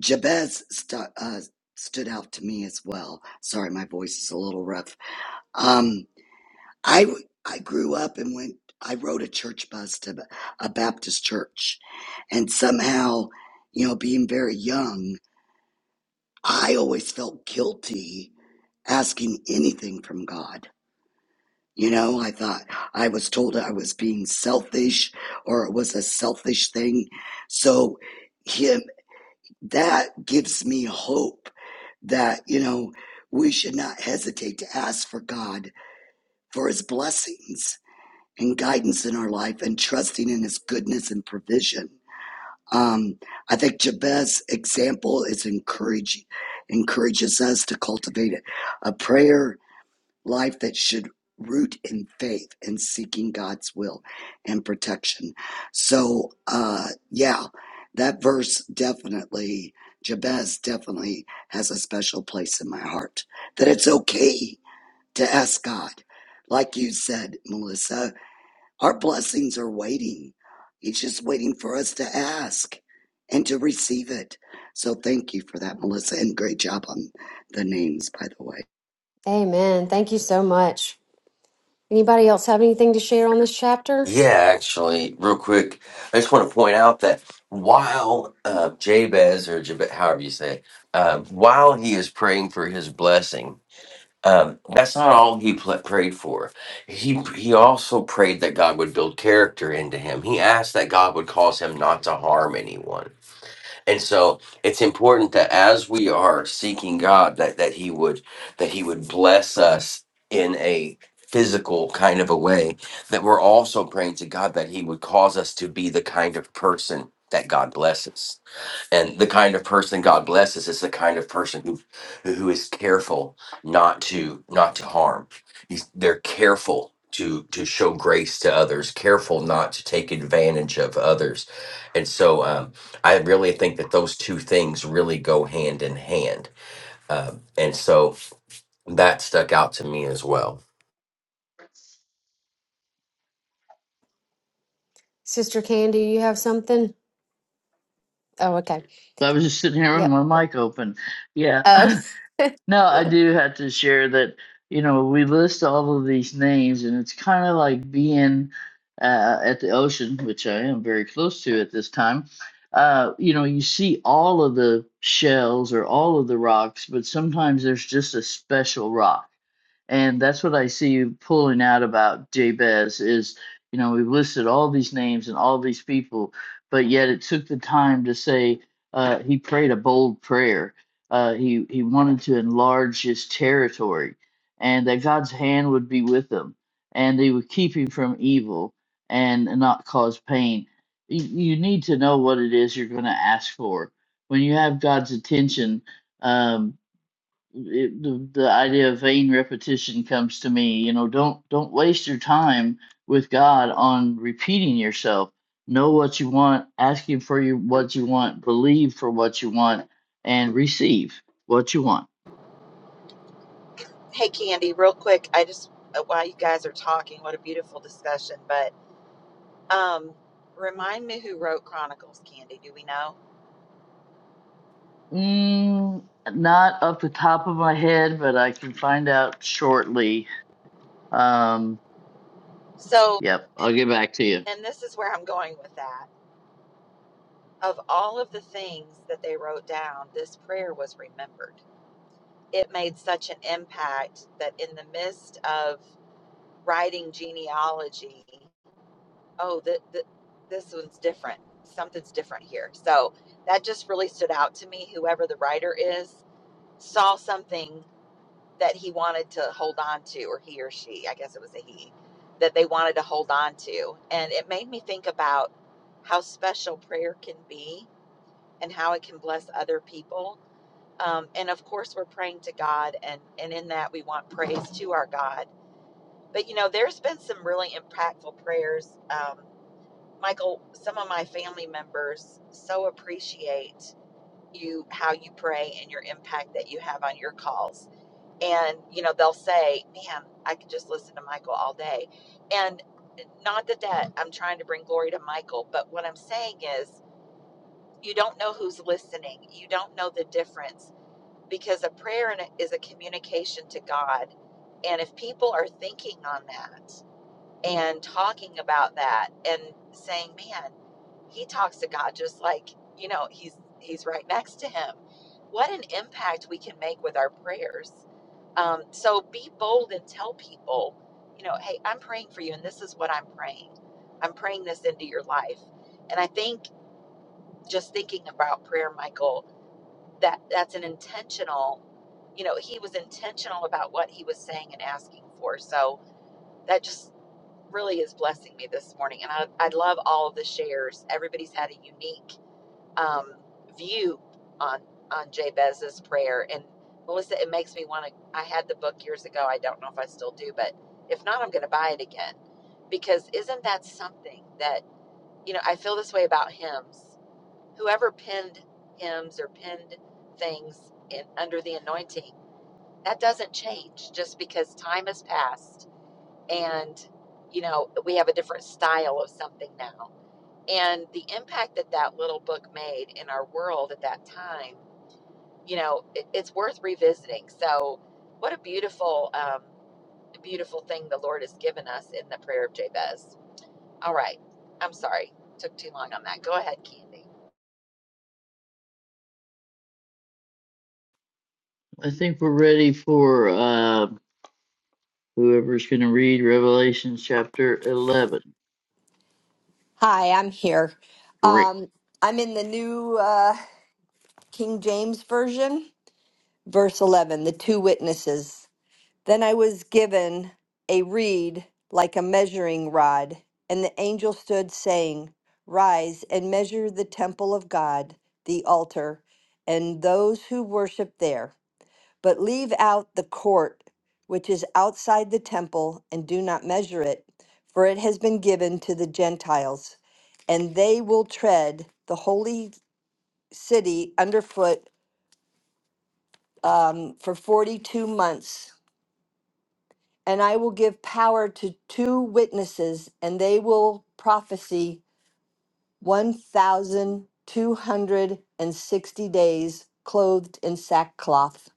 S9: Jabez stu- uh, stood out to me as well. Sorry, my voice is a little rough. Um, I w- I grew up and went. I rode a church bus to a Baptist church, and somehow, you know, being very young, I always felt guilty asking anything from God You know, I thought I was told I was being selfish or it was a selfish thing. So him that gives me hope that, you know, we should not hesitate to ask for God for his blessings and guidance in our life and trusting in his goodness and provision. Um, I think Jabez's example is encouraging, encourages us to cultivate a prayer life that should root in faith and seeking God's will and protection. So, uh, yeah, that verse definitely, Jabez definitely has a special place in my heart. That it's okay to ask God. Like you said, Melissa, our blessings are waiting. He's just waiting for us to ask and to receive it. So thank you for that, Melissa, and great job on the names, by the way.
S4: Amen. Thank you so much. Anybody else have anything to share on this chapter?
S7: Yeah, actually, real quick, I just want to point out that while uh, Jabez or Jabez, however you say, it, um, while he is praying for his blessing, um, that's not all he pl- prayed for. He he also prayed that God would build character into him. He asked that God would cause him not to harm anyone. And so it's important that as we are seeking God that that he would that he would bless us in a physical kind of a way that we're also praying to God that he would cause us to be the kind of person that God blesses and the kind of person God blesses is the kind of person who who is careful not to not to harm. He's, they're careful to to show grace to others, careful not to take advantage of others, and so um, I really think that those two things really go hand in hand, um, and so that stuck out to me as well.
S4: Sister Candy, you have something? Oh, okay.
S5: So I was just sitting here with
S4: Yep.
S5: my mic open. Yeah.
S4: Oh,
S5: No, I do have to share that, you know, we list all of these names, and it's kind of like being uh, at the ocean, which I am very close to at this time. Uh, you know, you see all of the shells or all of the rocks, but sometimes there's just a special rock and that's what I see you pulling out about Jabez is, you know, we've listed all these names and all these people, but yet it took the time to say uh, he prayed a bold prayer. Uh, he he wanted to enlarge his territory, and that God's hand would be with him, and they would keep him from evil and not cause pain. You, you need to know what it is you're going to ask for. When you have God's attention, um, it, the, the idea of vain repetition comes to me you know don't don't waste your time with god on repeating yourself know what you want ask him for you what you want believe for what you want and receive what you want
S1: Hey, Candy, real quick, I just, uh, while you guys are talking, what a beautiful discussion. But um, remind me who wrote Chronicles, Candy. Do we know?
S5: mm, not up the top of my head but i can find out shortly um
S1: So,
S5: yep i'll get back to you
S1: and this is where I'm going with that. Of all of the things that they wrote down, this prayer was remembered. it made such an impact that in the midst of writing genealogy, oh, th- th- this one's different. Something's different here. So that just really stood out to me. Whoever the writer is saw something that he wanted to hold on to, or he or she, I guess it was a he, that they wanted to hold on to. And it made me think about how special prayer can be and how it can bless other people um, and of course we're praying to god and and in that we want praise to our god but you know there's been some really impactful prayers um, michael some of my family members so appreciate you how you pray and your impact that you have on your calls and you know they'll say man i could just listen to michael all day and not that that i'm trying to bring glory to michael but what i'm saying is you don't know who's listening you don't know the difference because a prayer is a communication to God. And if people are thinking on that and talking about that and saying, man, he talks to God just like, you know, he's he's right next to him. What an impact we can make with our prayers. Um, so be bold and tell people, you know, hey, I'm praying for you, and this is what I'm praying. I'm praying this into your life. And I think just thinking about prayer, Michael, that that's an intentional you know he was intentional about what he was saying and asking for so that just really is blessing me this morning and i, I love all of the shares everybody's had a unique um, view on on jabez's prayer and melissa it makes me want to i had the book years ago i don't know if i still do but if not i'm going to buy it again because isn't that something that you know i feel this way about hymns whoever penned hymns or penned things in under the anointing that doesn't change just because time has passed and you know we have a different style of something now and the impact that that little book made in our world at that time you know it, it's worth revisiting so what a beautiful um, beautiful thing the lord has given us in the prayer of jabez all right i'm sorry took too long on that go ahead candy
S5: i think we're ready for uh whoever's going to read Revelation chapter 11
S3: Hi, I'm here.
S5: great
S3: Um, I'm in the new uh, King James Version, verse 11, the two witnesses. Then I was given a reed like a measuring rod, and the angel stood saying, Rise and measure the temple of God, the altar, and those who worship there, but leave out the court which is outside the temple, and do not measure it, for it has been given to the Gentiles, and they will tread the holy city underfoot um, for 42 months. and I will give power to two witnesses, and they will prophesy 1,260 days, clothed in sackcloth.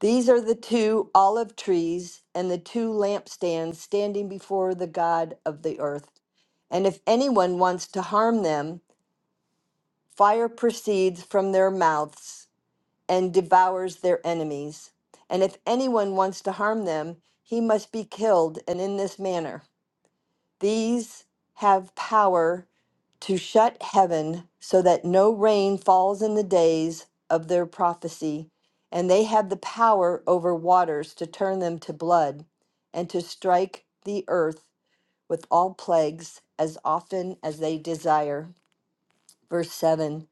S3: These are the two olive trees and the two lampstands standing before the God of the earth. And if anyone wants to harm them, fire proceeds from their mouths and devours their enemies. And if anyone wants to harm them, he must be killed, and in this manner. These have power to shut heaven so that no rain falls in the days of their prophecy, and they have the power over waters to turn them to blood and to strike the earth with all plagues as often as they desire. Verse 7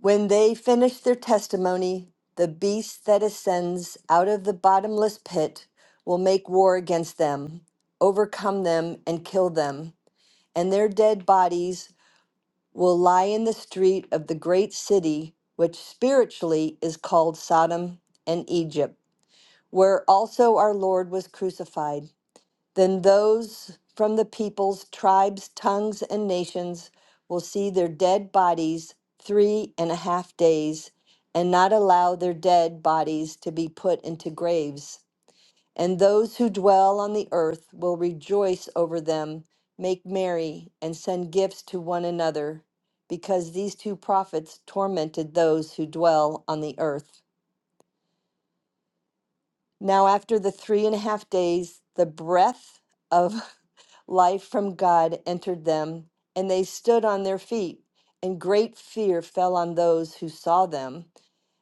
S3: When they finish their testimony, the beast that ascends out of the bottomless pit will make war against them, overcome them, and kill them and their dead bodies will lie in the street of the great city, which spiritually is called Sodom and Egypt, where also our Lord was crucified. Then those from the peoples, tribes, tongues, and nations will see their dead bodies three and a half days, and not allow their dead bodies to be put into graves. And those who dwell on the earth will rejoice over them, make merry, and send gifts to one another, because these two prophets tormented those who dwell on the earth. Now, after the three and a half days, the breath of life from God entered them, and they stood on their feet, and great fear fell on those who saw them.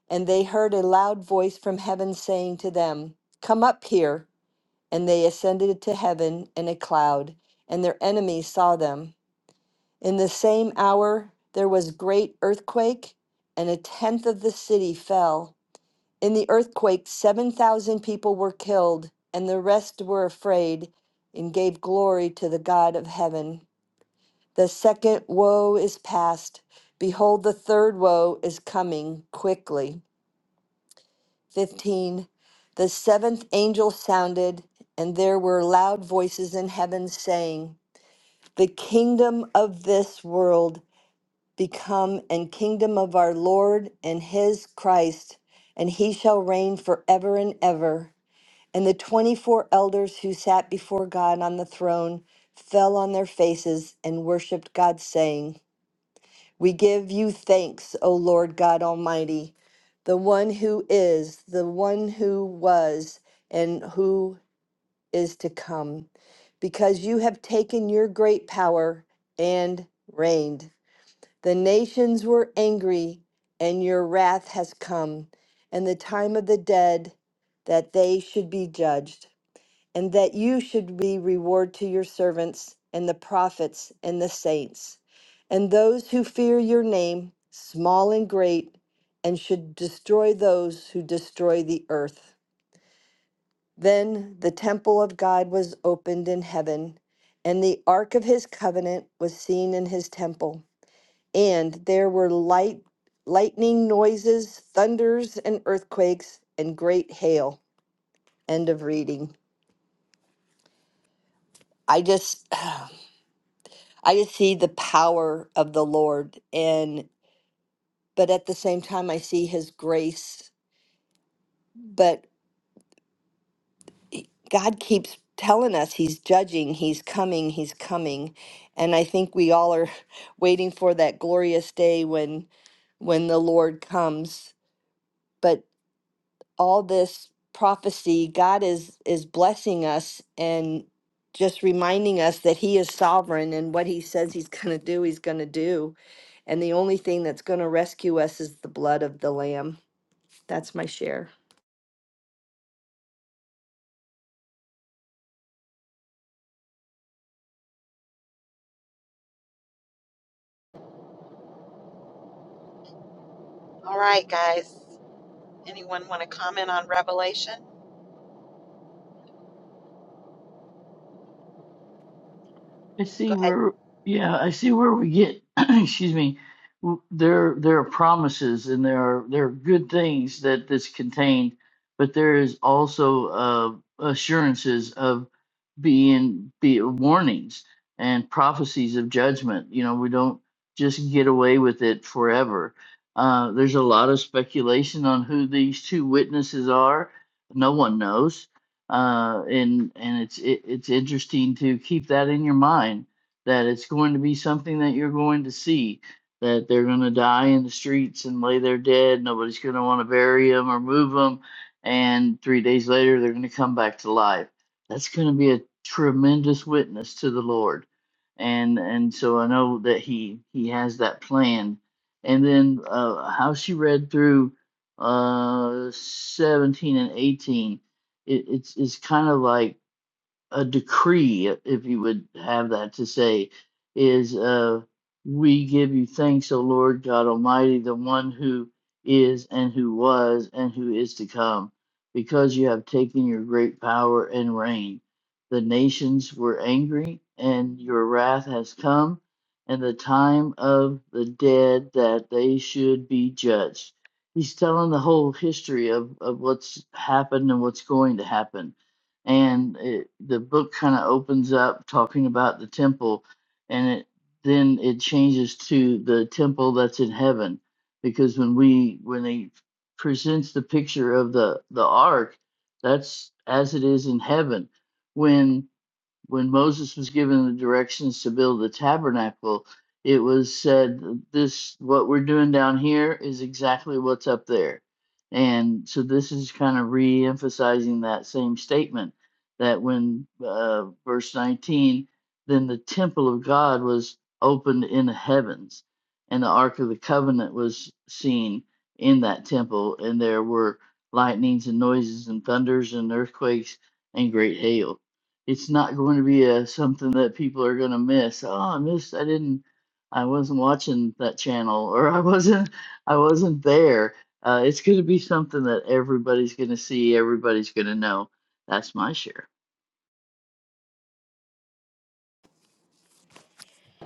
S3: And they heard a loud voice from heaven saying to them, Come up here. and they ascended to heaven in a cloud, and their enemies saw them. In the same hour there was great earthquake, and a tenth of the city fell. In the earthquake, 7,000 people were killed, and the rest were afraid and gave glory to the God of heaven. The second woe is past. Behold, the third woe is coming quickly. 15 The seventh angel sounded, and there were loud voices in heaven saying, The kingdom of this world become and kingdom of our Lord and his Christ, and he shall reign forever and ever. And the 24 elders who sat before God on the throne fell on their faces and worshiped God, saying, we give you thanks, O Lord God Almighty, the one who is, the one who was, and who is to come, because you have taken your great power and reigned. The nations were angry, and your wrath has come, and the time of the dead that they should be judged and that you should be reward to your servants and the prophets and the saints and those who fear your name, small and great, and should destroy those who destroy the earth. Then the temple of God was opened in heaven, and the ark of his covenant was seen in his temple. And there were light, lightning noises, thunders, and earthquakes, and great hail. End of reading. I just I just see the power of the Lord and but at the same time I see his grace but he- God keeps telling us he's judging, he's coming, he's coming. And I think we all are waiting for that glorious day when when the Lord comes. But all this prophecy god is is blessing us and just reminding us that he is sovereign and what he says he's going to do he's going to do and the only thing that's going to rescue us is the blood of the lamb that's my share
S1: all right guys Anyone want to comment on Revelation?
S5: I see
S1: Go ahead,
S5: where, yeah, I see where we get, excuse me, w- there there are promises and there are there are good things that this contained, but there is also uh, assurances of being be warnings and prophecies of judgment. You know, we don't just get away with it forever. Uh, there's a lot of speculation on who these two witnesses are. No one knows uh, and and it's it, it's interesting to keep that in your mind that it's going to be something that you're going to see that they're going to die in the streets and lay there dead. Nobody's going to want to bury them or move them, and three days later they're going to come back to life. That's going to be a tremendous witness to the Lord, and and so I know that he he has that plan. And then uh, how she read through uh, 17 and 18 it, it's it's kind of like a decree, if you would have that to say, is uh, we give you thanks, O Lord God Almighty, the one who is and who was and who is to come, because you have taken your great power and reign. The nations were angry, and your wrath has come, and the time of the dead that they should be judged. He's telling the whole history of, of what's happened and what's going to happen and it, the book kind of opens up talking about the temple and it then it changes to the temple that's in heaven because when we when they presents the picture of the the ark that's as it is in heaven when when Moses was given the directions to build the tabernacle, it was said, This, what we're doing down here is exactly what's up there. And so this is kind of re emphasizing that same statement that when uh, verse 19, then the temple of God was opened in the heavens, and the Ark of the Covenant was seen in that temple, and there were lightnings and noises and thunders and earthquakes and great hail it's not going to be a something that people are going to miss. Oh, I missed. I didn't. I wasn't watching that channel, or I wasn't. I wasn't there. Uh, it's going to be something that everybody's going to see. Everybody's going to know. That's my share.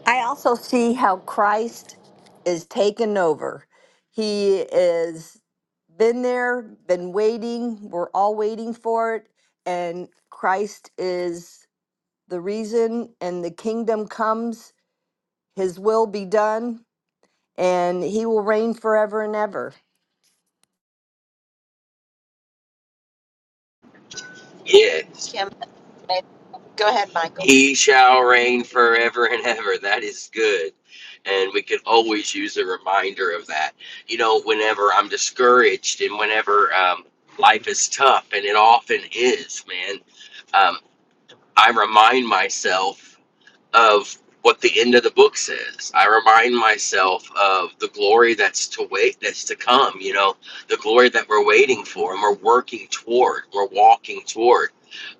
S3: i also see how christ is taken over he is been there been waiting we're all waiting for it and christ is the reason and the kingdom comes His will be done, and he will reign forever and ever.
S7: Yes,
S1: Kim. Go ahead, Michael.
S7: he shall reign forever and ever. That is good. and we could always use a reminder of that you know whenever i'm discouraged and whenever um, life is tough and it often is man um, i remind myself of what the end of the book says i remind myself of the glory that's to wait that's to come you know the glory that we're waiting for and we're working toward we're walking toward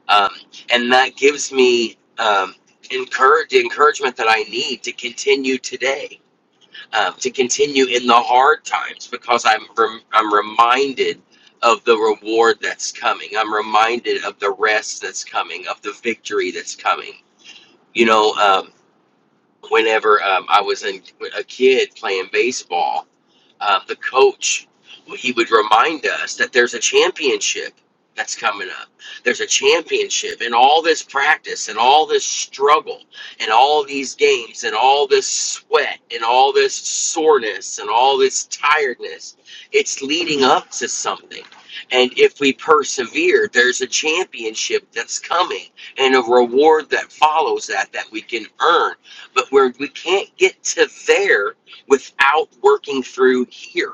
S7: um, and that gives me um, encourage the encouragement that i need to continue today um, to continue in the hard times because I'm rem- I'm reminded of the reward that's coming. I'm reminded of the rest that's coming, of the victory that's coming. You know, um, whenever um, I was in, a kid playing baseball, um, the coach, well, he would remind us that there's a championship that's coming up. There's a championship, and all this practice, and all this struggle, and all these games, and all this sweat, and all this soreness, and all this tiredness, it's leading up to something. And if we persevere, there's a championship that's coming and a reward that follows that that we can earn. But where we can't get to there without working through here.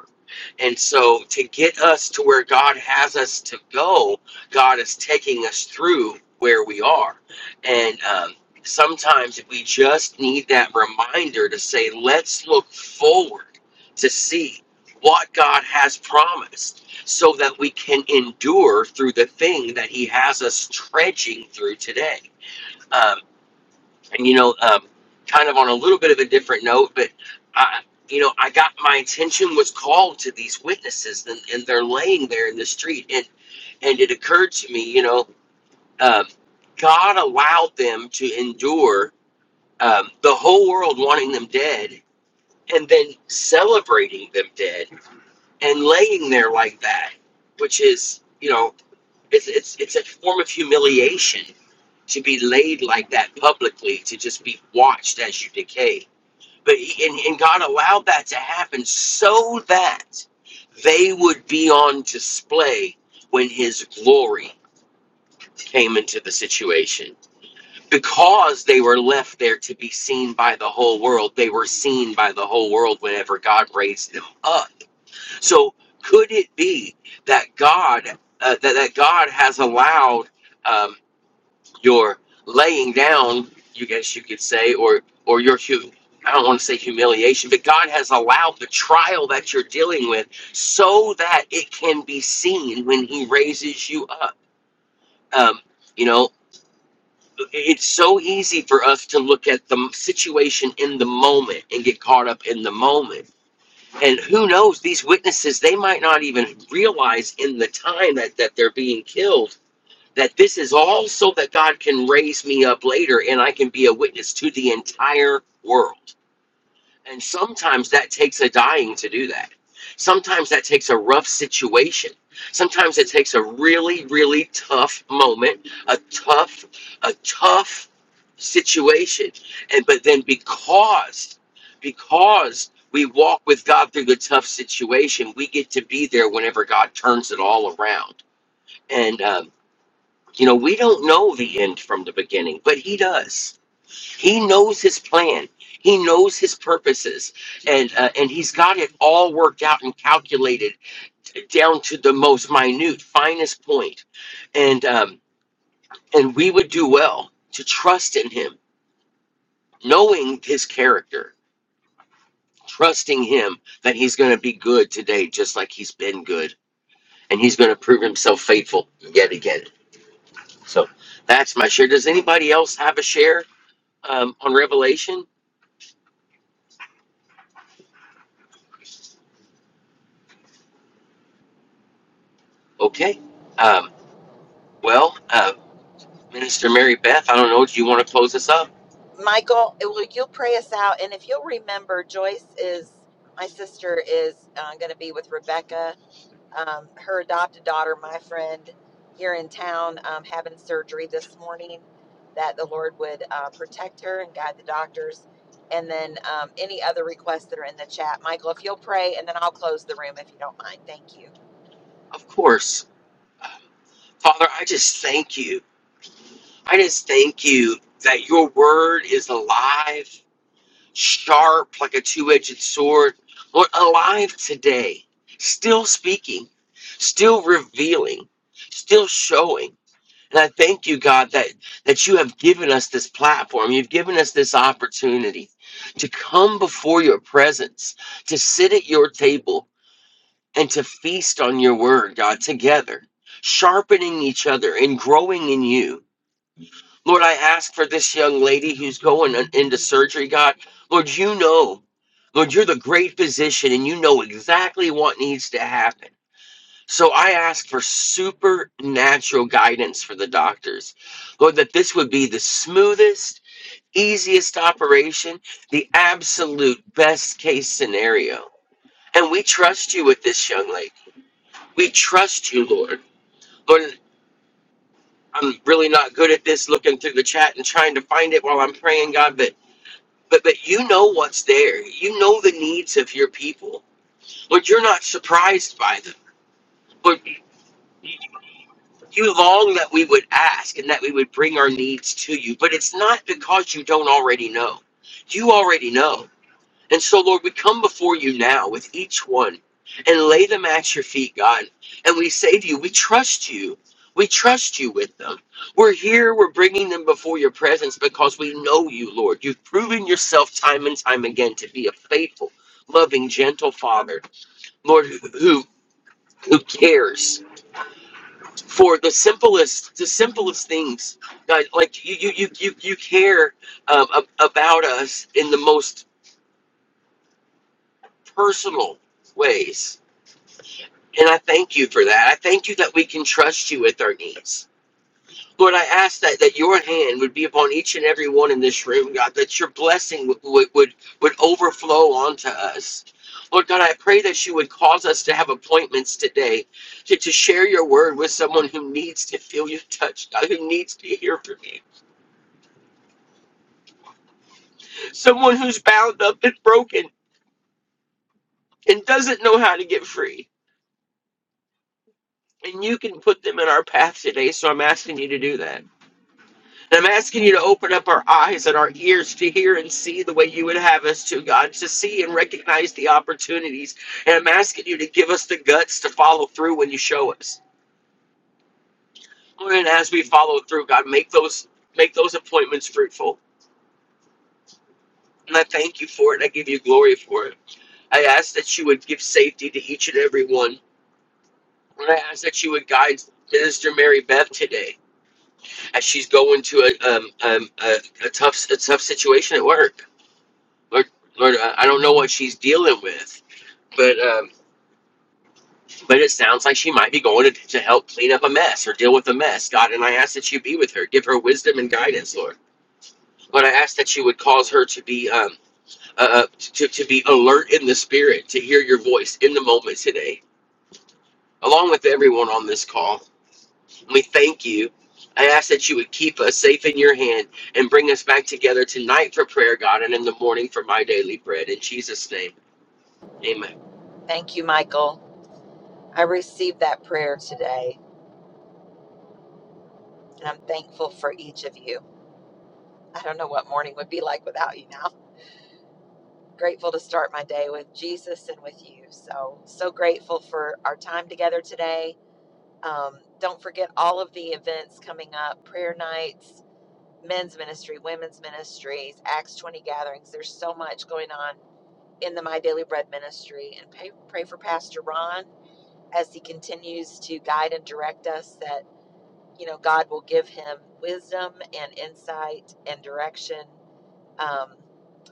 S7: And so, to get us to where God has us to go, God is taking us through where we are. And um, sometimes we just need that reminder to say, let's look forward to see what God has promised so that we can endure through the thing that He has us trudging through today. Um, and you know, um, kind of on a little bit of a different note, but I, you know, I got my attention was called to these witnesses, and, and they're laying there in the street, and and it occurred to me, you know, um, God allowed them to endure um, the whole world wanting them dead, and then celebrating them dead, and laying there like that, which is, you know, it's it's it's a form of humiliation to be laid like that publicly, to just be watched as you decay but and, and God allowed that to happen so that they would be on display when His glory came into the situation. Because they were left there to be seen by the whole world, they were seen by the whole world whenever God raised them up. So could it be that God uh, that, that God has allowed? um, you're laying down, you guess you could say, or or your hu I don't want to say humiliation, but God has allowed the trial that you're dealing with so that it can be seen when He raises you up. Um, you know, it's so easy for us to look at the situation in the moment and get caught up in the moment. And who knows, these witnesses, they might not even realize in the time that, that they're being killed that this is all so that God can raise me up later and I can be a witness to the entire world. And sometimes that takes a dying to do that. Sometimes that takes a rough situation. Sometimes it takes a really, really tough moment, a tough, a tough situation. And but then because, because we walk with God through the tough situation, we get to be there whenever God turns it all around. And um, you know, we don't know the end from the beginning, but he does. He knows his plan. He knows his purposes, and uh, and he's got it all worked out and calculated down to the most minute, finest point. And um, and we would do well to trust in him, knowing his character, trusting him that he's going to be good today, just like he's been good, and he's going to prove himself faithful yet again. So that's my share. Does anybody else have a share? um, on Revelation? Okay. Um, well, uh, Minister Mary Beth, I don't know. Do you want to close us up?
S1: Michael, eh, will you pray us out? And if you'll remember, Joyce is my sister is uh, going to be with Rebecca, um, her adopted daughter, my friend here in town, um, having surgery this morning. That the Lord would uh, protect her and guide the doctors. And then um, any other requests that are in the chat, Michael, if you'll pray, and then I'll close the room if you don't mind. Thank you.
S7: Of course. Father, I just thank you. I just thank you that your word is alive, sharp like a two edged sword. Lord, alive today, still speaking, still revealing, still showing. And I thank you, God, that, that you have given us this platform. You've given us this opportunity to come before your presence, to sit at your table, and to feast on your word, God, together, sharpening each other and growing in you. Lord, I ask for this young lady who's going in- into surgery, God. Lord, you know, Lord, you're the great physician, and you know exactly what needs to happen. So I asked for supernatural guidance for the doctors. Lord, that this would be the smoothest, easiest operation, the absolute best case scenario. And we trust you with this young lady. We trust you, Lord. Lord, I'm really not good at this looking through the chat and trying to find it while I'm praying, God, but but but you know what's there. You know the needs of your people. Lord, you're not surprised by them. Lord, You long that we would ask and that we would bring our needs to you, but it's not because you don't already know. You already know. And so, Lord, we come before you now with each one and lay them at your feet, God. And we say to you, we trust you. We trust you with them. We're here, we're bringing them before your presence because we know you, Lord. You've proven yourself time and time again to be a faithful, loving, gentle Father, Lord, who, who who cares for the simplest the simplest things guys like you you you you, you care um, about us in the most personal ways and i thank you for that i thank you that we can trust you with our needs lord i ask that that your hand would be upon each and every one in this room god that your blessing would would would, would overflow onto us Lord God, I pray that you would cause us to have appointments today to, to share your word with someone who needs to feel your touch, God, who needs to hear from you. someone who's bound up and broken and doesn't know how to get free. And you can put them in our path today. So I'm asking you to do that. And I'm asking you to open up our eyes and our ears to hear and see the way you would have us to, God, to see and recognize the opportunities. And I'm asking you to give us the guts to follow through when you show us. Lord, And as we follow through, God, make those make those appointments fruitful. And I thank you for it. I give you glory for it. I ask that you would give safety to each and every one. When I asked that you would guide Minister Mary Beth today as she's going to a um, um, a, a tough a tough situation at work. Lord, Lord, I I don't know what she's dealing with, but um, but it sounds like she might be going to, to help clean up a mess or deal with a mess, God. And I ask that you be with her, give her wisdom and guidance, Lord. Lord, I ask that you would cause her to be um, uh, uh, to, to be alert in the spirit, to hear your voice in the moment today, along with everyone on this call. We thank you. I ask that you would keep us safe in your hand and bring us back together tonight for prayer, God, and in the morning for my daily bread. In Jesus' name, amen.
S1: Thank you, Michael. I received that prayer today, and I'm thankful for each of you. I don't know what morning would be like without you now. Grateful to start my day with Jesus and with you. So, so grateful for our time together today. Um, don't forget all of the events coming up prayer nights, men's ministry, women's ministries, Acts 20 gatherings. There's so much going on in the My Daily Bread ministry. And pray, pray for Pastor Ron as he continues to guide and direct us that you know, God will give him wisdom and insight and direction um,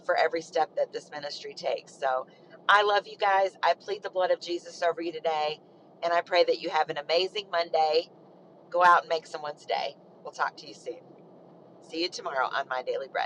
S1: for every step that this ministry takes. So I love you guys. I plead the blood of Jesus over you today. And I pray that you have an amazing Monday. Go out and make someone's day. We'll talk to you soon. See you tomorrow on My Daily Bread.